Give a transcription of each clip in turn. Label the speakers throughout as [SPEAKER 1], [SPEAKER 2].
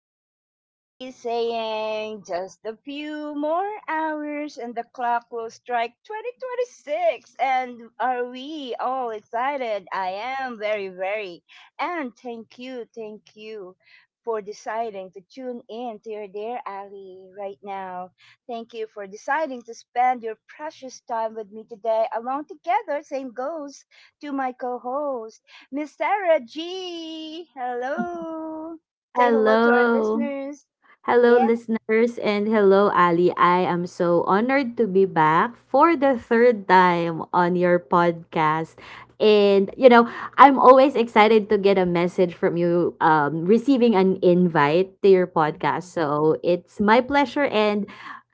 [SPEAKER 1] dear Ali saying just a few more hours and the clock will strike 2026. And are we all excited? I am very, very. And thank you for deciding to tune in to your dear Ali right now. Thank you for deciding to spend your precious time with me today along together. Same goes to my co host, Miss Sarah G. Hello. Say hello to our
[SPEAKER 2] Hello.
[SPEAKER 1] listeners.
[SPEAKER 2] Hello,
[SPEAKER 1] Yeah.
[SPEAKER 2] listeners, and hello, Ali. I am so honored to be back for the third time on your podcast. And, you know, I'm always excited to get a message from you, receiving an invite to your podcast.
[SPEAKER 1] Mhm.
[SPEAKER 2] So it's my pleasure. And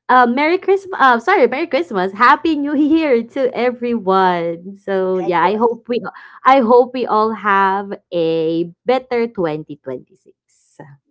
[SPEAKER 2] Merry Christmas. Sorry, Merry Christmas. Happy New Year to everyone. So,
[SPEAKER 1] Like,
[SPEAKER 2] yeah,
[SPEAKER 1] wha-
[SPEAKER 2] I hope we all have a better 2026.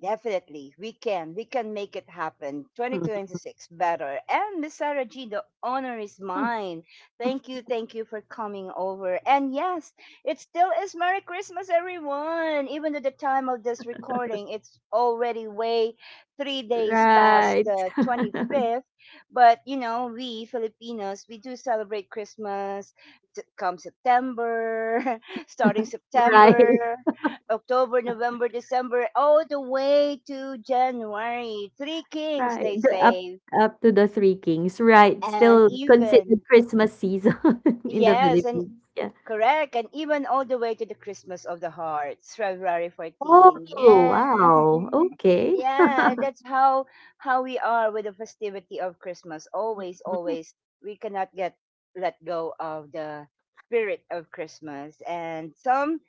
[SPEAKER 1] Definitely, we can. We can make it happen. 2026 better. And Miss Sarah G, the honor is mine. Thank you for coming over. And yes, it still is Merry Christmas, everyone. Even at the time of this recording, it's already way 3 days past
[SPEAKER 2] Right.
[SPEAKER 1] the 25th. But you know, we Filipinos, we do celebrate Christmas come September, starting
[SPEAKER 2] Right,
[SPEAKER 1] September, October, November, December, all the way to January. Three Kings,
[SPEAKER 2] right.
[SPEAKER 1] they
[SPEAKER 2] The up
[SPEAKER 1] say.
[SPEAKER 2] up to the Three Kings, right.
[SPEAKER 1] And
[SPEAKER 2] Still considered
[SPEAKER 1] even,
[SPEAKER 2] Christmas season in the
[SPEAKER 1] yes, and
[SPEAKER 2] Philippines, yeah.
[SPEAKER 1] correct, and even all the way to the Christmas of the Heart, February 14.
[SPEAKER 2] Oh,
[SPEAKER 1] Yeah.
[SPEAKER 2] wow, okay.
[SPEAKER 1] yeah, that's how we are with the festivity of Christmas. Always, always we cannot get let go of the spirit of Christmas. And some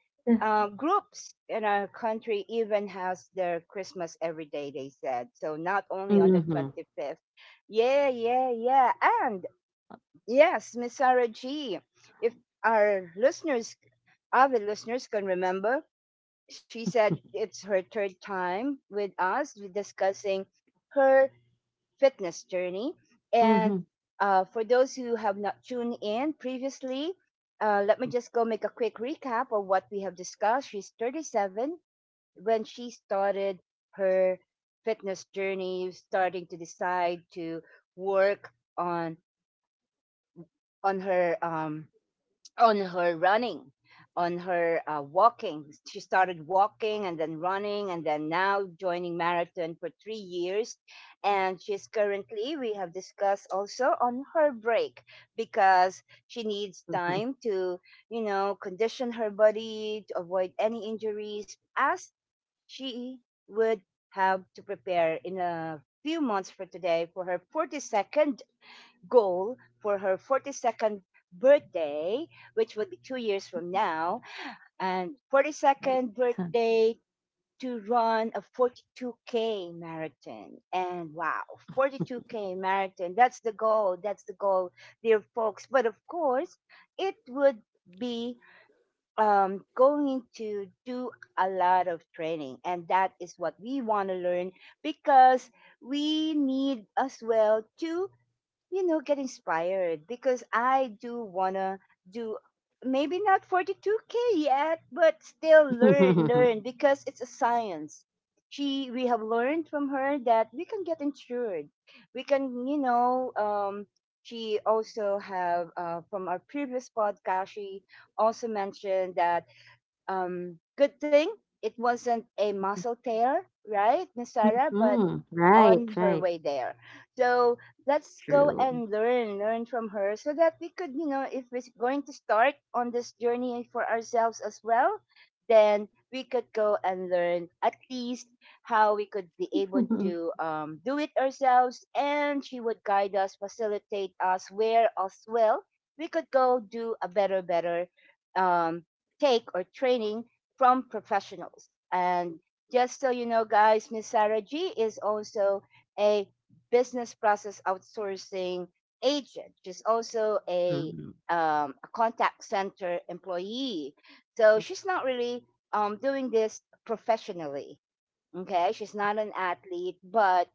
[SPEAKER 1] groups in our country even has their Christmas every day, they said. So not only on the
[SPEAKER 2] Mhm.
[SPEAKER 1] 25th. Yeah, yeah, yeah. And yes, Miss Sarah G, if our listeners, other listeners can remember, she said it's her third time with us with discussing her fitness journey. And
[SPEAKER 2] Mhm.
[SPEAKER 1] for those who have not tuned in previously, let me just go make a quick recap of what we have discussed. She's 37 when she started her fitness journey, starting to decide to work on on her, on her running, on her walking. She started walking and then running and then now joining marathon for 3 years, and she's currently, we have discussed also on her break because she needs time to condition her body to avoid any injuries as she would have to prepare in a few months for today for her 42nd goal, for her 42nd birthday, which would be 2 years from now, and
[SPEAKER 2] Right.
[SPEAKER 1] 42nd birthday to run a 42K marathon. And wow, 42K marathon. That's the goal. That's the goal, dear folks. But of course, it would be going to do a lot of training. And that is what we want to learn because we need as well to get inspired because I do wanna do maybe not 42K yet, but still learn, learn because it's a science. We have learned from her that we can get insured. We can, she also have from our previous podcast. She also mentioned that good thing it wasn't a muscle tear, right, Miss Sarah? But
[SPEAKER 2] Mm, right,
[SPEAKER 1] on
[SPEAKER 2] right.
[SPEAKER 1] her way there. So let's go
[SPEAKER 2] True.
[SPEAKER 1] and learn, learn from her so that we could, if we're going to start on this journey for ourselves as well, then we could go and learn at least how we could be able to do it ourselves. And she would guide us, facilitate us where as well we could go do a better, better um, take or training from professionals. And just so you know, guys, Miss Sarah G is also a business process outsourcing agent. She's also a,
[SPEAKER 2] Mhm.
[SPEAKER 1] um, a contact center employee. So she's not really doing this professionally. Okay, she's not an athlete, but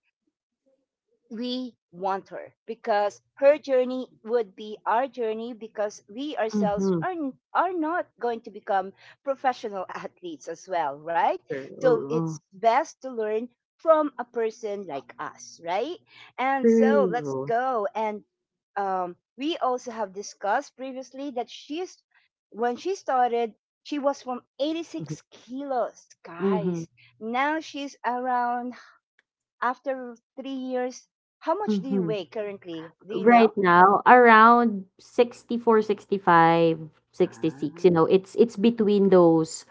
[SPEAKER 1] we want her because her journey would be our journey because we ourselves
[SPEAKER 2] Mhm.
[SPEAKER 1] are not going to become professional athletes as well, right? So it's
[SPEAKER 2] True.
[SPEAKER 1] best to learn from a person like us, right? And so let's
[SPEAKER 2] True.
[SPEAKER 1] go. And we also have discussed previously that when she started, she was from 86 kilos,
[SPEAKER 2] Mhm.
[SPEAKER 1] guys. Now she's around after 3 years, how much do you
[SPEAKER 2] Mhm.
[SPEAKER 1] weigh currently? Do you
[SPEAKER 2] Right
[SPEAKER 1] know?
[SPEAKER 2] now, around 64, 65, 66. You
[SPEAKER 1] Ah.
[SPEAKER 2] know, it's between those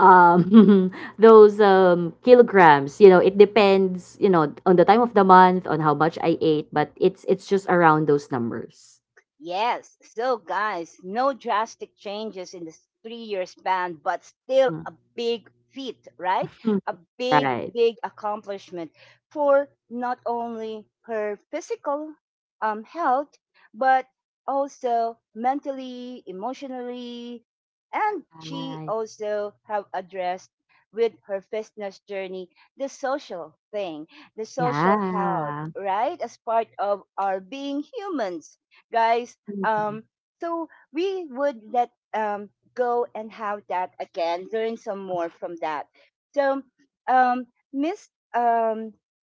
[SPEAKER 2] um those kilograms. You know, it depends, you know, on the time of the month on how much I ate, but it's just around those numbers.
[SPEAKER 1] Yes, so guys, no drastic changes in this 3 year span, but still
[SPEAKER 2] Mhm.
[SPEAKER 1] a big feat, right?
[SPEAKER 2] Mm.
[SPEAKER 1] A big,
[SPEAKER 2] Right,
[SPEAKER 1] big accomplishment for not only her physical health, but also mentally, emotionally, and she
[SPEAKER 2] right.
[SPEAKER 1] also have addressed with her fitness journey the social thing, the social health,
[SPEAKER 2] Yeah.
[SPEAKER 1] right? As part of our being humans, guys.
[SPEAKER 2] Mhm.
[SPEAKER 1] Um, so we would let go and have that again, learn some more from that. So, um, Miss um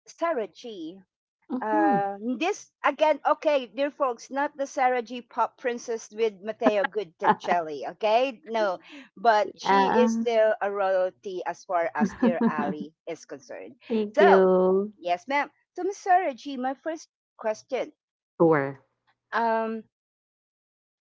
[SPEAKER 1] Sarah G.
[SPEAKER 2] Mhm.
[SPEAKER 1] This again, okay, dear folks, not the Sarah G. Pop Princess with Matteo Goodticelli, okay? No, but she is
[SPEAKER 2] Yeah.
[SPEAKER 1] still a royalty as far as dear Ali is concerned.
[SPEAKER 2] Thank
[SPEAKER 1] So,
[SPEAKER 2] you.
[SPEAKER 1] yes, ma'am. So, Miss Sarah G, my first question.
[SPEAKER 2] Sure.
[SPEAKER 1] Um,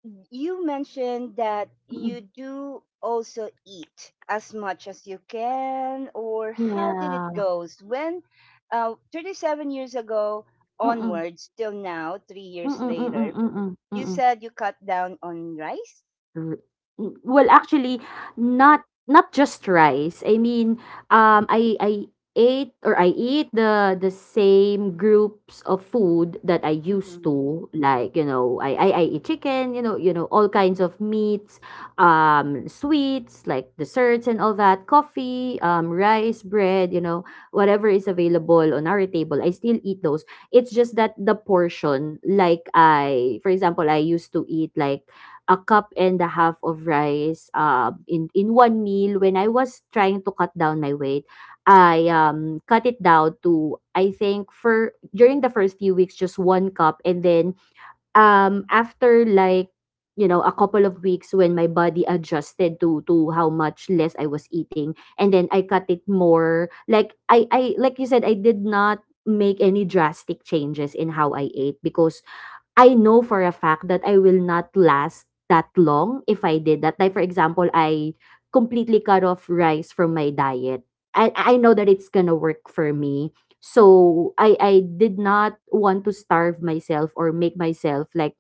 [SPEAKER 1] You mentioned that
[SPEAKER 2] Mm.
[SPEAKER 1] you do also eat as much as you can, or how did it
[SPEAKER 2] Yeah.
[SPEAKER 1] goes when 37 years ago
[SPEAKER 2] Mm-mm.
[SPEAKER 1] onwards till now 3 years
[SPEAKER 2] Mm-mm. Mm-mm.
[SPEAKER 1] later,
[SPEAKER 2] Mm-mm.
[SPEAKER 1] you
[SPEAKER 2] Mm-mm.
[SPEAKER 1] said you cut down on rice.
[SPEAKER 2] r- well, actually, not just rice. I mean, I ate or I eat the same groups of food that I used
[SPEAKER 1] Mm-hmm.
[SPEAKER 2] to, like, you know, I eat chicken, you know, all kinds of meats, sweets like desserts and all that, coffee, rice, bread, you know, whatever is available on our table. I still eat those. It's just that the portion, like, I, for example, I used to eat like a cup and a half of rice, in one meal. When I was trying to cut down my weight, I cut it down to, I think, for during the first few weeks, just one cup, and then after, like, you know, a couple of weeks when my body adjusted to how much less I was eating, and then I cut it more. Like, I like you said, I did not make any drastic changes in how I ate, because I know for a fact that I will not last that long if I did that. Like, for example, I completely cut off rice from my diet. I know that it's gonna work for me. So I did not want to starve myself or make myself, like,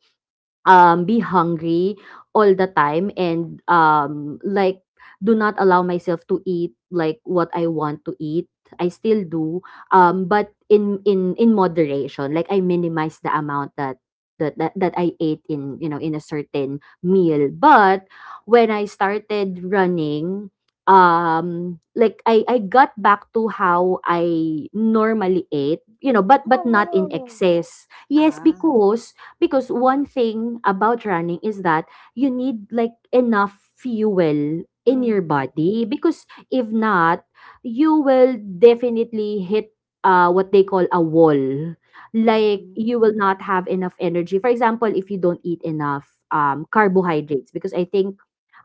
[SPEAKER 2] be hungry all the time, and like, do not allow myself to eat like what I want to eat. I still do, but in moderation. Like, I minimize the amount that I ate in, you know, in a certain meal. But when I started running, like, I got back to how I normally ate, you know, but not in
[SPEAKER 1] Oh.
[SPEAKER 2] excess. Yes,
[SPEAKER 1] Ah.
[SPEAKER 2] because one thing about running is that you need, like, enough fuel in your
[SPEAKER 1] Mm-hmm.
[SPEAKER 2] body, because if not, you will definitely hit what they call a wall. Like,
[SPEAKER 1] Mm-hmm.
[SPEAKER 2] you will not have enough energy, for example, if you don't eat enough carbohydrates, because I think,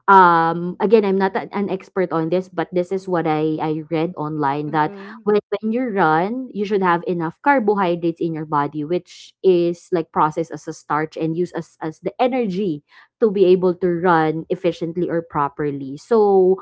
[SPEAKER 2] again, I'm not an expert on this, but this is what I read online, that
[SPEAKER 1] Mm-hmm.
[SPEAKER 2] when you run, you should have enough carbohydrates in your body, which is, like, processed as a starch and used as the energy to be able to run efficiently or properly. So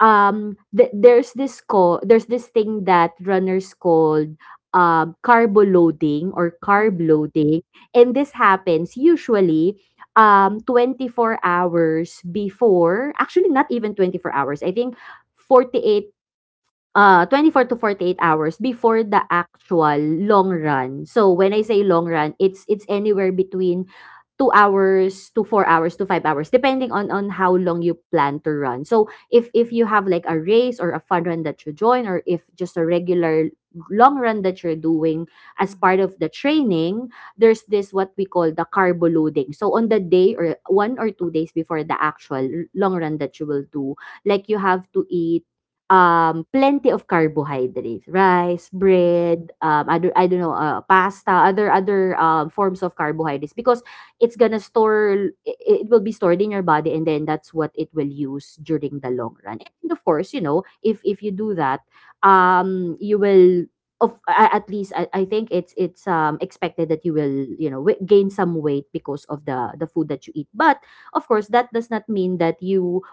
[SPEAKER 2] there's this thing that runners called, carbo loading or carb
[SPEAKER 1] Mm-hmm.
[SPEAKER 2] loading. And this happens usually 24 hours before, actually not even 24 hours, I think 48, ,
[SPEAKER 1] Mm-hmm.
[SPEAKER 2] 24 to
[SPEAKER 1] Mm-hmm.
[SPEAKER 2] 48 hours before the actual long run. So when I say
[SPEAKER 1] Mm-hmm.
[SPEAKER 2] long run, it's anywhere between 2 hours to 4 hours to 5 hours, depending on how long you plan to run. So if you have like a race or a fun run that you join, or if just a regular long run that you're doing as part
[SPEAKER 1] Mm-hmm.
[SPEAKER 2] of the training, there's this what we call the carbo loading. So on the day or one or two days before the actual long run that you will do, like, you have to eat plenty of carbohydrates, rice, bread, I don't know, pasta, other forms of carbohydrates, because it's gonna store, I- it will be stored in your body, and then that's what it will use during the long run. And of course, you know, if you do that, you will. At least I think it's expected that you will, you know, gain some weight because of the food that you eat, but of course that does not mean that you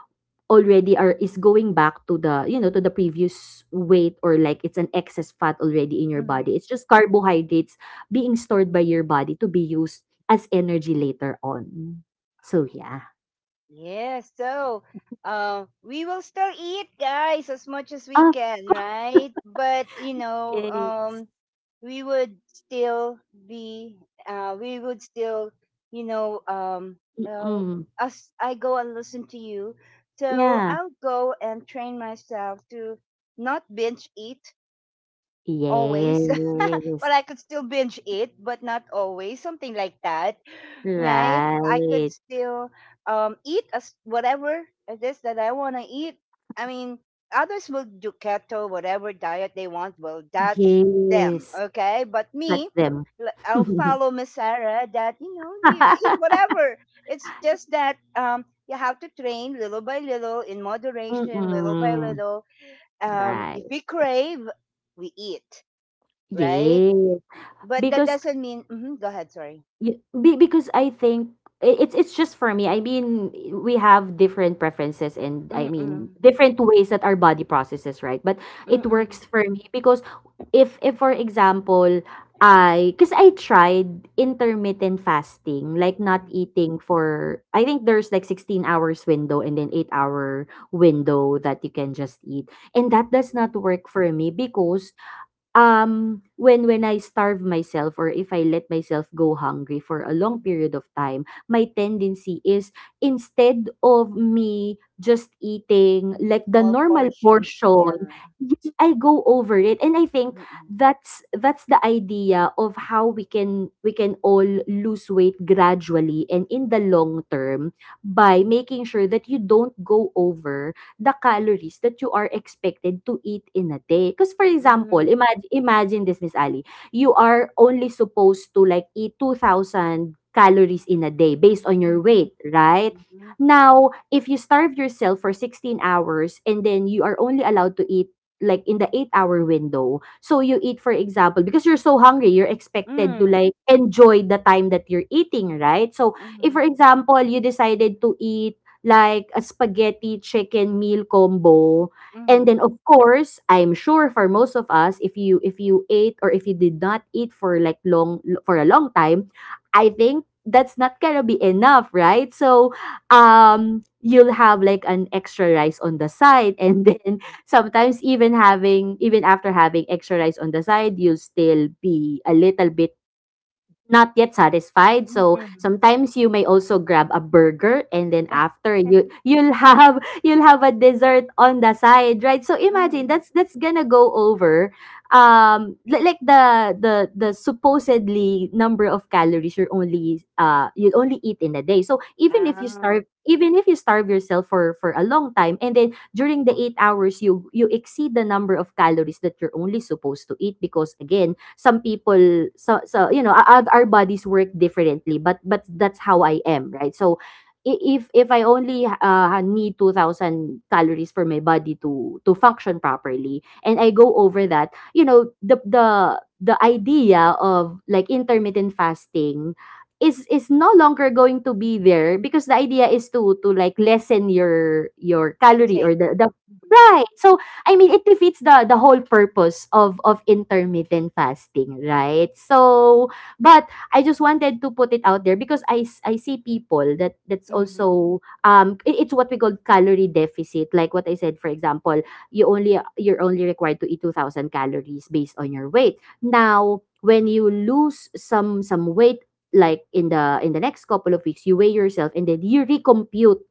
[SPEAKER 2] already are is going back to the, you know, to the previous weight, or like it's an excess fat already in your
[SPEAKER 1] Mm-hmm, mm-hmm.
[SPEAKER 2] body. It's just carbohydrates being stored by your body to be used as energy later on. So yeah.
[SPEAKER 1] Yes, so we will still eat, guys, as much as we
[SPEAKER 2] Of.
[SPEAKER 1] can, right? But
[SPEAKER 2] Yes.
[SPEAKER 1] we would still be, we would still, you know, um, uh,
[SPEAKER 2] Mm-mm.
[SPEAKER 1] as I go and listen to you, so
[SPEAKER 2] Yeah.
[SPEAKER 1] I'll go and train myself to not binge eat, always.
[SPEAKER 2] Yes.
[SPEAKER 1] Well, I could still binge eat, but not always. Something like that, right? I could
[SPEAKER 2] Right.
[SPEAKER 1] still eat as whatever it is that I want to eat. I mean, others will do keto, whatever diet they want. Well, that's them,
[SPEAKER 2] Yes,
[SPEAKER 1] okay? But
[SPEAKER 2] that's
[SPEAKER 1] me,
[SPEAKER 2] them.
[SPEAKER 1] I'll follow Miss Sarah. That you eat whatever. It's just that You have to train little by little, in moderation, little by
[SPEAKER 2] Mm-mm.
[SPEAKER 1] little.
[SPEAKER 2] Right.
[SPEAKER 1] If we crave, we eat, right?
[SPEAKER 2] Yes,
[SPEAKER 1] But that
[SPEAKER 2] because
[SPEAKER 1] doesn't mean. Mhm, go ahead. Sorry.
[SPEAKER 2] Because I think, it's just for me. I mean, we have different preferences, and I mean
[SPEAKER 1] Mm-mm,
[SPEAKER 2] different ways that our body processes, right? But
[SPEAKER 1] mm-mm,
[SPEAKER 2] it
[SPEAKER 1] mm-mm,
[SPEAKER 2] works for me because if for example, I because I tried intermittent fasting, like, not eating for, I think, there's like 16 hours window and then 8-hour window that you can just eat. And that does
[SPEAKER 1] mm.
[SPEAKER 2] not work for me because, when I starve myself, or if I let myself go hungry for a long period of time, my tendency is, instead of me just eating like the
[SPEAKER 1] Small
[SPEAKER 2] normal
[SPEAKER 1] portions.
[SPEAKER 2] portion,
[SPEAKER 1] Yeah.
[SPEAKER 2] yes, I go over it. And I think
[SPEAKER 1] Mm-mm,
[SPEAKER 2] that's the idea of how we can all lose weight gradually and in the long term, by making sure that you don't go over the calories that you are expected to eat in a day. Because, for example,
[SPEAKER 1] mm-mm,
[SPEAKER 2] imagine this, Miss Ali, you are only supposed to, like, eat 2,000 calories in a day based on your
[SPEAKER 1] mm-mm,
[SPEAKER 2] weight, right? Now, if you starve yourself for 16 hours, and then you are only allowed to eat like in the 8-hour window. So you eat, for example, because you're so hungry, you're expected to,
[SPEAKER 1] mm-mm,
[SPEAKER 2] like, enjoy the time that you're eating, right? So if, for
[SPEAKER 1] mm-mm,
[SPEAKER 2] example, you decided to eat like a spaghetti chicken meal combo.
[SPEAKER 1] mm-mm,
[SPEAKER 2] And then,
[SPEAKER 1] mm-mm,
[SPEAKER 2] of course, I'm sure for most of us, if you ate or if you did not eat for like long for a long time, I think that's not gonna be enough, right? So, you'll have like an extra rice on the side, and then sometimes, even after having extra rice on the side, you'll still be a little bit not yet satisfied. So
[SPEAKER 1] mm-mm.
[SPEAKER 2] sometimes you may also grab a burger, and then after you you'll have you'll have a dessert on the side, right? So imagine
[SPEAKER 1] Mm-mm.
[SPEAKER 2] that's gonna go over like the supposedly number of calories you'll only eat in a day. So
[SPEAKER 1] Ah,
[SPEAKER 2] even if you starve yourself for a long time, and then during the 8 hours you exceed the number of calories that you're only supposed to eat, because again, some people, so you know, our bodies work differently, but that's how I am, right? So if I only need 2,000 calories for my body to function properly, and I go over that, you know, the idea of, like, intermittent fasting is no longer going to be there, because the idea is to, like, lessen your calorie,
[SPEAKER 1] intake.
[SPEAKER 2] or the right. So, I mean, it defeats the whole purpose of intermittent fasting, right? So, but I just wanted to put it out there, because I see people that's
[SPEAKER 1] Mhm, mhm,
[SPEAKER 2] also it's what we call calorie deficit. Like what I said, for example, you're only required to eat 2,000 calories based on your weight. Now, when you lose some weight, like, in the next couple of weeks, you weigh yourself, and then you recompute,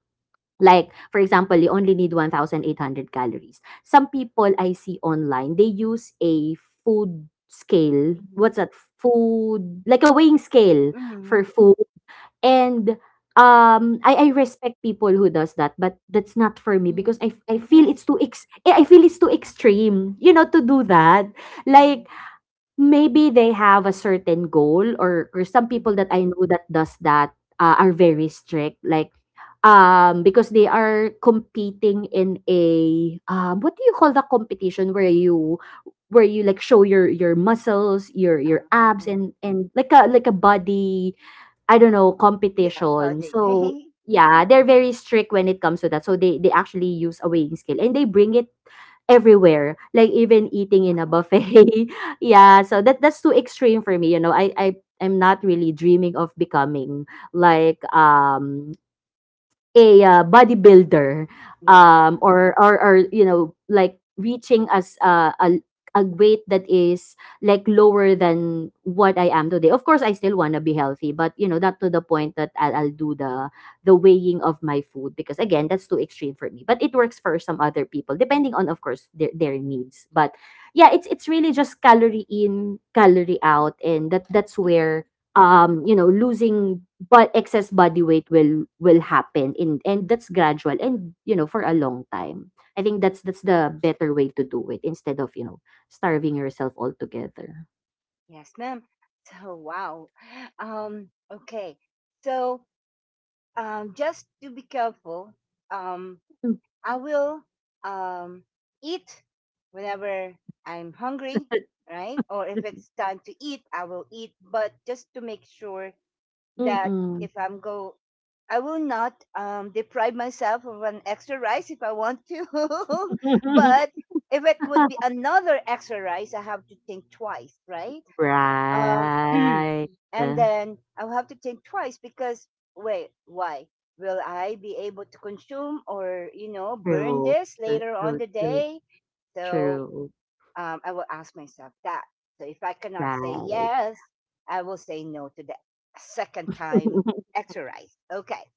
[SPEAKER 2] like, for example, you only need 1,800 calories. Some people I see online, they use a food scale. What's
[SPEAKER 1] mhm,
[SPEAKER 2] that? Food, like, a weighing scale for
[SPEAKER 1] mhm,
[SPEAKER 2] food. And I respect people who does that, but that's not for me,
[SPEAKER 1] mhm,
[SPEAKER 2] because
[SPEAKER 1] mhm,
[SPEAKER 2] I feel it's too extreme, you know, to do that.
[SPEAKER 1] mhm, mhm.
[SPEAKER 2] Like, maybe they have a certain goal, or some people that I know that does that, are very strict, like, because they are competing in a, what do you call, the competition where you, like, show your muscles, your abs,
[SPEAKER 1] Ah,
[SPEAKER 2] and like a body, I don't know,
[SPEAKER 1] yeah,
[SPEAKER 2] competition.
[SPEAKER 1] body.
[SPEAKER 2] So, yeah, they're very strict when it comes to that. So they actually use a weighing scale and they bring it everywhere, like even eating in a
[SPEAKER 1] Oh,
[SPEAKER 2] buffet. Yeah, so that's too extreme for me. You know, I'm not really dreaming of becoming like a bodybuilder
[SPEAKER 1] yes.
[SPEAKER 2] or, or you know, like reaching as a weight that is like lower than what I am today. Of course, I still want to be healthy, but you know, not to the point that I'll do the weighing of my food because again, that's too extreme for me. But it works for some other people, depending on, of course, their needs. But yeah, it's really just calorie in, calorie out, and that's where you know, losing but excess body weight will happen in, and that's gradual, and you know, for a long time. I think that's the better way to do it instead of, you know, starving yourself altogether.
[SPEAKER 1] Yes, ma'am. So, wow. Okay. So, just to be careful, um, I will um, eat whenever I'm hungry, right? Or if it's time to eat, I will eat. But just to make sure that
[SPEAKER 2] Mm-mm.
[SPEAKER 1] if I'm go, I will not deprive myself of an extra rice if I want to. But if it would be another extra rice, I have to think twice, right? Um,
[SPEAKER 2] Right.
[SPEAKER 1] and
[SPEAKER 2] True,
[SPEAKER 1] then I'll have to think twice because wait, why will I be able to consume or burn this
[SPEAKER 2] true,
[SPEAKER 1] later on
[SPEAKER 2] true.
[SPEAKER 1] the
[SPEAKER 2] True,
[SPEAKER 1] day? So
[SPEAKER 2] true.
[SPEAKER 1] I will ask myself that. So if I cannot say
[SPEAKER 2] Right.
[SPEAKER 1] yes, I will say no to the second time exercise. Okay,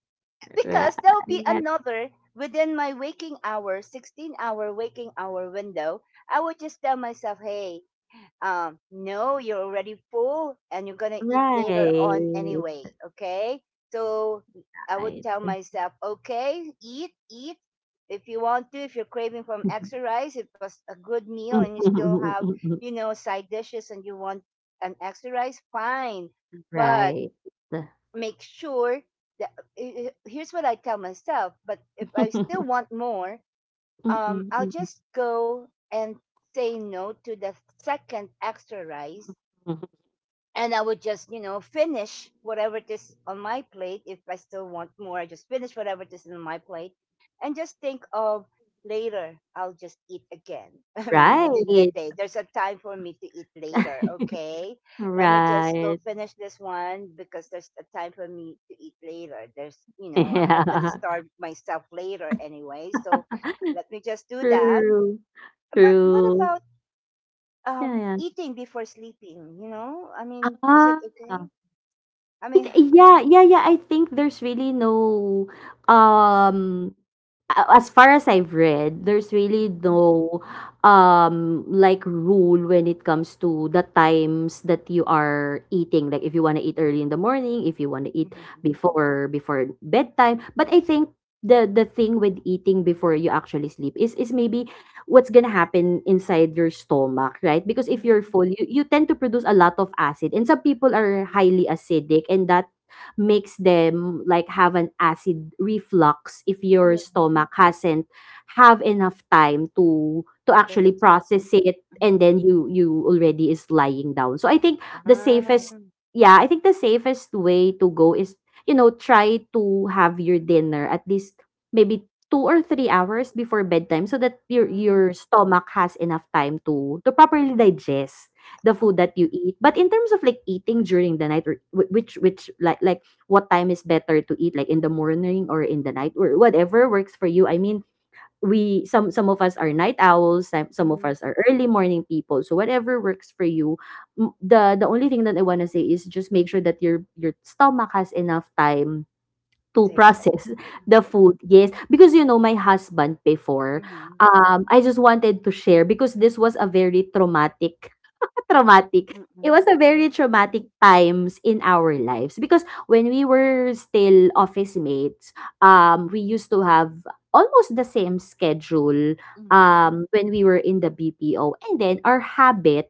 [SPEAKER 2] Right,
[SPEAKER 1] because there'll be another within my waking hour, 16-hour waking hour window. I will just tell myself, hey, no, you're already full and you're going to eat later on
[SPEAKER 2] right,
[SPEAKER 1] anyway. Okay. So I would
[SPEAKER 2] right.
[SPEAKER 1] tell myself, okay, eat, eat. If you want to, if you're craving from extra rice, it was a good meal and you still have, side dishes and you want an extra rice, fine. But
[SPEAKER 2] Right.
[SPEAKER 1] make sure that here's what I tell myself. But if I still want more,
[SPEAKER 2] Mm,
[SPEAKER 1] I'll
[SPEAKER 2] mm,
[SPEAKER 1] just go and say no to the second extra rice,
[SPEAKER 2] mm.
[SPEAKER 1] and I would just, you know, finish whatever it is on my plate. If I still want more, I just finish whatever it is on my plate and just think of later, I'll just eat again. I mean, within the
[SPEAKER 2] Right.
[SPEAKER 1] day, there's a time for me to eat later, okay? Let me just go
[SPEAKER 2] Right.
[SPEAKER 1] finish this one because there's a time for me to eat later. There's, I'm not going to
[SPEAKER 2] Yeah.
[SPEAKER 1] starve myself later anyway. So let me just do that.
[SPEAKER 2] True.
[SPEAKER 1] But what
[SPEAKER 2] True.
[SPEAKER 1] about
[SPEAKER 2] Yeah, yeah.
[SPEAKER 1] eating before sleeping? You know, I mean, is it
[SPEAKER 2] Ah.
[SPEAKER 1] okay? I
[SPEAKER 2] It
[SPEAKER 1] mean,
[SPEAKER 2] Yeah, yeah, yeah, I think there's really no, um, a as far as I've read, there's really
[SPEAKER 1] mhm,
[SPEAKER 2] no, like, rule when it comes to the times that you are eating, like, if you want to eat early in the morning, if you want to eat
[SPEAKER 1] mhm,
[SPEAKER 2] before bedtime, but I think the thing with eating before you actually sleep is maybe what's gonna happen inside your stomach, right? Because if you're
[SPEAKER 1] mhm,
[SPEAKER 2] full, you tend to produce a lot of acid. And some people are highly
[SPEAKER 1] mhm.
[SPEAKER 2] acidic and that makes them like have an acid reflux if your
[SPEAKER 1] Yeah,
[SPEAKER 2] stomach hasn't have enough time to
[SPEAKER 1] they
[SPEAKER 2] actually
[SPEAKER 1] just,
[SPEAKER 2] process it
[SPEAKER 1] mhm,
[SPEAKER 2] and then you already is lying down. So I think the safest
[SPEAKER 1] um,
[SPEAKER 2] yeah, I think the safest way to go is, you know, try to have your dinner at least maybe 2 or 3 hours before bedtime so that your
[SPEAKER 1] mm,
[SPEAKER 2] your stomach has enough time to properly digest the food
[SPEAKER 1] oh,
[SPEAKER 2] that you eat. But in terms of like eating during the night or which like what time is better to eat, like in the morning or in the night or whatever works for you. I mean, we some of us are night owls, some of
[SPEAKER 1] mm,
[SPEAKER 2] us are early morning people. So whatever works for you. The only thing that I want to say is just make sure that your stomach has enough time to
[SPEAKER 1] they just,
[SPEAKER 2] process
[SPEAKER 1] mhm,
[SPEAKER 2] the food. Yes, because you know, my husband before,
[SPEAKER 1] mhm,
[SPEAKER 2] I just wanted to share because this was a very traumatic, traumatic. It
[SPEAKER 1] mhm,
[SPEAKER 2] was a very traumatic times in our lives, because when we were still office mates, we used to have almost the same schedule,
[SPEAKER 1] mhm,
[SPEAKER 2] when we were in the BPO, and then our habit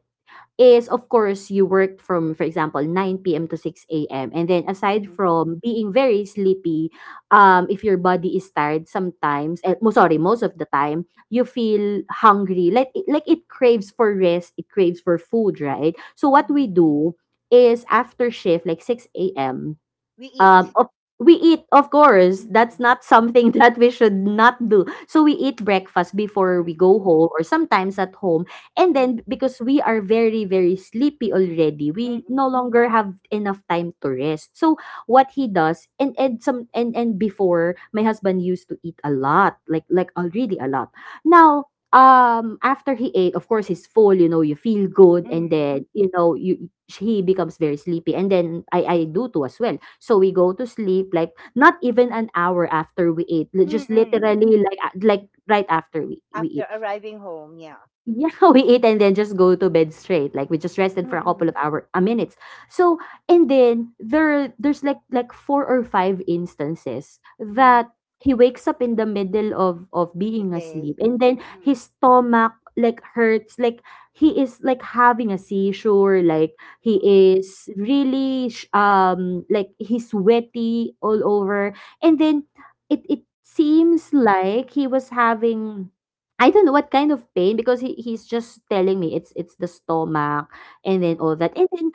[SPEAKER 2] is, of course, you worked from, for example, 9 p.m. to 6 a.m., and then, aside
[SPEAKER 1] mhm,
[SPEAKER 2] from being very sleepy, if your body is tired, sometimes, eh, mo sorry, most of the time you feel hungry, like like it craves for rest, it craves for food, right? So what we
[SPEAKER 1] mhm.
[SPEAKER 2] do is after shift, like 6 a.m,
[SPEAKER 1] We
[SPEAKER 2] um
[SPEAKER 1] eat.
[SPEAKER 2] of, we eat. Of course that's
[SPEAKER 1] Mhm,
[SPEAKER 2] not something that we should not do, so we eat breakfast before we
[SPEAKER 1] mhm,
[SPEAKER 2] go home, or sometimes at home, and then because we are very very sleepy already, we
[SPEAKER 1] mhm,
[SPEAKER 2] no longer have enough time to rest. So what he does, and some, and before, my husband used to eat a lot, like already a lot now. After he ate, of course, he's full, you know, you feel good, and
[SPEAKER 1] mhm,
[SPEAKER 2] then, you know, you he becomes very sleepy, and then I do too as well. So we go to sleep like not even an hour after we ate,
[SPEAKER 1] mhm,
[SPEAKER 2] just
[SPEAKER 1] mhm.
[SPEAKER 2] literally like like right after we
[SPEAKER 1] After
[SPEAKER 2] eat.
[SPEAKER 1] arriving home, yeah.
[SPEAKER 2] Yeah, we eat and then just go to bed straight. Like we just rested for a
[SPEAKER 1] Mhm,
[SPEAKER 2] couple of hour minutes. So, and then there's like four or five instances
[SPEAKER 1] mhm.
[SPEAKER 2] that he wakes up in the middle of
[SPEAKER 1] The
[SPEAKER 2] being
[SPEAKER 1] day.
[SPEAKER 2] asleep and then
[SPEAKER 1] Mhm,
[SPEAKER 2] his stomach like hurts, like he is like having a seizure, like he
[SPEAKER 1] mhm,
[SPEAKER 2] is really like he's sweaty all over, and then it
[SPEAKER 1] mhm,
[SPEAKER 2] seems like he was having, I don't know, what kind of pain, because he's just telling me it's the stomach and then all that. And then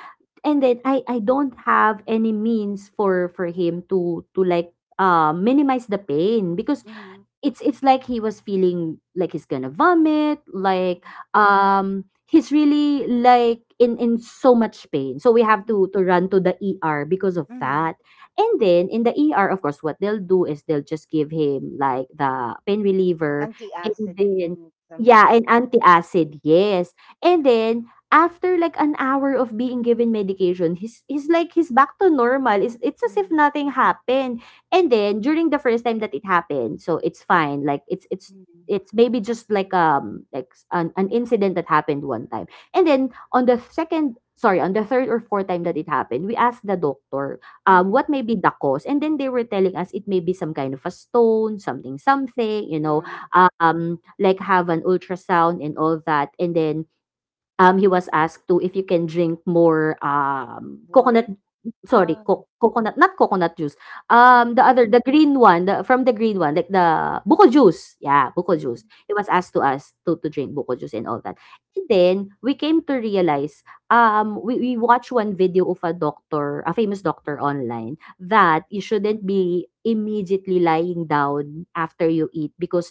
[SPEAKER 2] I don't have any means for him to like minimize the pain because
[SPEAKER 1] mhm,
[SPEAKER 2] it's like he was feeling like he's gonna vomit, like he's really like in so much pain, so we have
[SPEAKER 1] mhm,
[SPEAKER 2] to run to the ER because of
[SPEAKER 1] mhm.
[SPEAKER 2] that, and then in the ER, of course, what they'll do is they'll just give him like the pain reliever,
[SPEAKER 1] Auntie
[SPEAKER 2] and
[SPEAKER 1] asked,
[SPEAKER 2] then
[SPEAKER 1] and something
[SPEAKER 2] yeah,
[SPEAKER 1] like
[SPEAKER 2] and
[SPEAKER 1] that.
[SPEAKER 2] antacid, yes. And then after like an hour of being given medication, he's like he's back to normal. It's as if
[SPEAKER 1] Mhm,
[SPEAKER 2] nothing happened. And then during the first time that it happened, so it's fine. Like it's
[SPEAKER 1] mhm, mm.
[SPEAKER 2] it's maybe just like an incident that happened one time. And then on the second, sorry, on the third or fourth time that it happened, we asked the doctor
[SPEAKER 1] Mm-mm.
[SPEAKER 2] what may be the cause. And then they were telling us it may be some kind of a stone, something something, you know,
[SPEAKER 1] Ah,
[SPEAKER 2] like, have an ultrasound and all that. And then he
[SPEAKER 1] uh-huh.
[SPEAKER 2] was asked to, if you can drink more, coconut,
[SPEAKER 1] Water?
[SPEAKER 2] sorry,
[SPEAKER 1] Ah,
[SPEAKER 2] co coconut, not coconut juice, the other,
[SPEAKER 1] mm-mm.
[SPEAKER 2] the green one, the from the green one, like the buko juice. Yeah, buko juice.
[SPEAKER 1] Mhm,
[SPEAKER 2] He was asked to us to drink buko juice and all that. And then we came to realize, we watched one video of a doctor, a famous
[SPEAKER 1] mhm,
[SPEAKER 2] doctor online, that you shouldn't be immediately lying down after you eat, because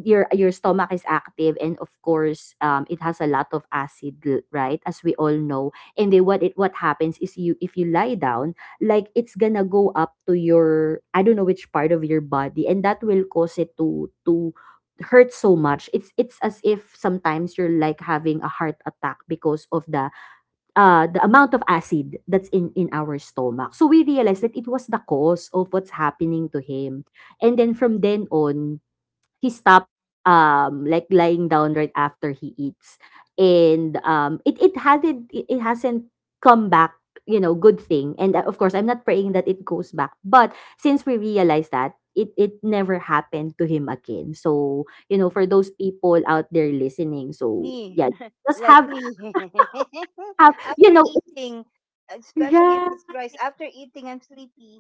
[SPEAKER 2] your stomach is active, and of course it has a lot of acid, right, as we all know, and then what it what happens is, you, if you lie down, like it's gonna go up to your, I don't know which part of your body, and that will cause it to hurt so much. It's as if sometimes you're like having a heart attack because of the amount of acid that's in our stomach. So we realized that it was the cause of what's happening to him, and then from then on he stopped like lying down right after he eats. And it hasn't come back, you know, good thing, and, of course, I'm not praying that it goes back, but since we realized that, it never happened to him again. So you know,
[SPEAKER 1] mhm.
[SPEAKER 2] for those people out there listening, so
[SPEAKER 1] Me,
[SPEAKER 2] yeah, just
[SPEAKER 1] like
[SPEAKER 2] have
[SPEAKER 1] me.
[SPEAKER 2] have you
[SPEAKER 1] After
[SPEAKER 2] know.
[SPEAKER 1] eating, especially if
[SPEAKER 2] Right.
[SPEAKER 1] it's rice, after eating, I'm sleepy.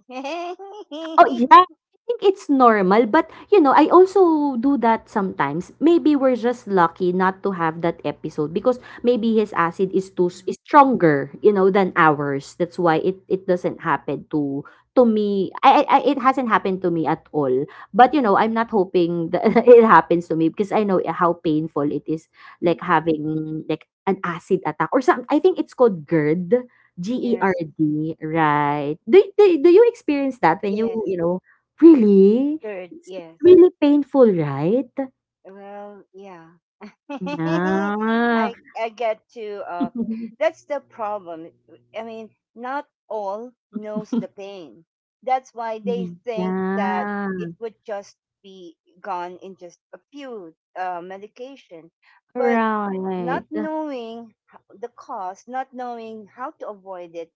[SPEAKER 2] Oh, yeah. I think it's normal, but, you know, I also do that sometimes. Maybe we're just lucky not to have that episode because maybe his acid is
[SPEAKER 1] Mm,
[SPEAKER 2] is stronger, you know, than ours. That's why it doesn't happen to me. It hasn't happened to me at all. But you know, I'm not hoping that it happens to me, because I know how painful it is, like
[SPEAKER 1] mm-mm.
[SPEAKER 2] having like an acid attack or some. I think it's called GERD.
[SPEAKER 1] Yes,
[SPEAKER 2] GERD, right. Do you experience that when you
[SPEAKER 1] yes,
[SPEAKER 2] you know, really?
[SPEAKER 1] good,
[SPEAKER 2] It's
[SPEAKER 1] yes.
[SPEAKER 2] really painful, right?
[SPEAKER 1] Well, yeah.
[SPEAKER 2] Yeah.
[SPEAKER 1] I get to That's the problem. I mean, not all knows the pain. That's why they think that
[SPEAKER 2] Yeah.
[SPEAKER 1] it would just be gone in just a few medication. But not
[SPEAKER 2] Right.
[SPEAKER 1] knowing the cause, not knowing how to avoid it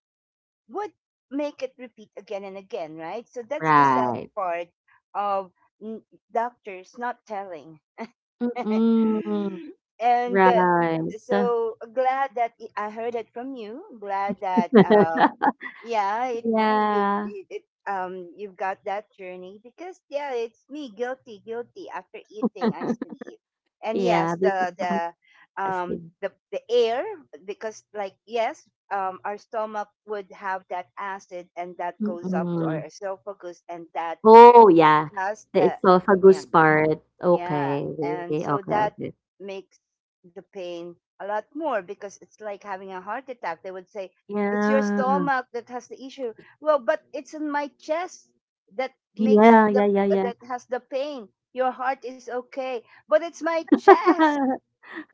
[SPEAKER 1] would make it repeat again and again, right? So that's the sad
[SPEAKER 2] Right.
[SPEAKER 1] part of n- doctors not telling
[SPEAKER 2] Mm-mm.
[SPEAKER 1] and
[SPEAKER 2] Right.
[SPEAKER 1] so glad that I heard it from you. Glad that yeah, it you
[SPEAKER 2] Yeah.
[SPEAKER 1] it, it you've got that journey because yeah, it's me guilty, guilty. After eating, I sleep, and
[SPEAKER 2] Yeah,
[SPEAKER 1] yes,
[SPEAKER 2] because
[SPEAKER 1] the the um
[SPEAKER 2] acid.
[SPEAKER 1] the the air because like yes. Our stomach would have that acid and that goes up to our
[SPEAKER 2] Mm.
[SPEAKER 1] esophagus and that
[SPEAKER 2] Oh, yeah.
[SPEAKER 1] has
[SPEAKER 2] The
[SPEAKER 1] the yeah,
[SPEAKER 2] esophagus part.
[SPEAKER 1] yeah,
[SPEAKER 2] Okay.
[SPEAKER 1] and
[SPEAKER 2] Okay,
[SPEAKER 1] so that
[SPEAKER 2] okay.
[SPEAKER 1] makes the pain a lot more because it's like having a heart attack. They would say, "It's your
[SPEAKER 2] Yeah.
[SPEAKER 1] stomach that has the issue." Well, but it's in my chest that makes
[SPEAKER 2] Yeah,
[SPEAKER 1] the
[SPEAKER 2] yeah, yeah, yeah.
[SPEAKER 1] that has the pain. Your heart is okay, but it's my chest,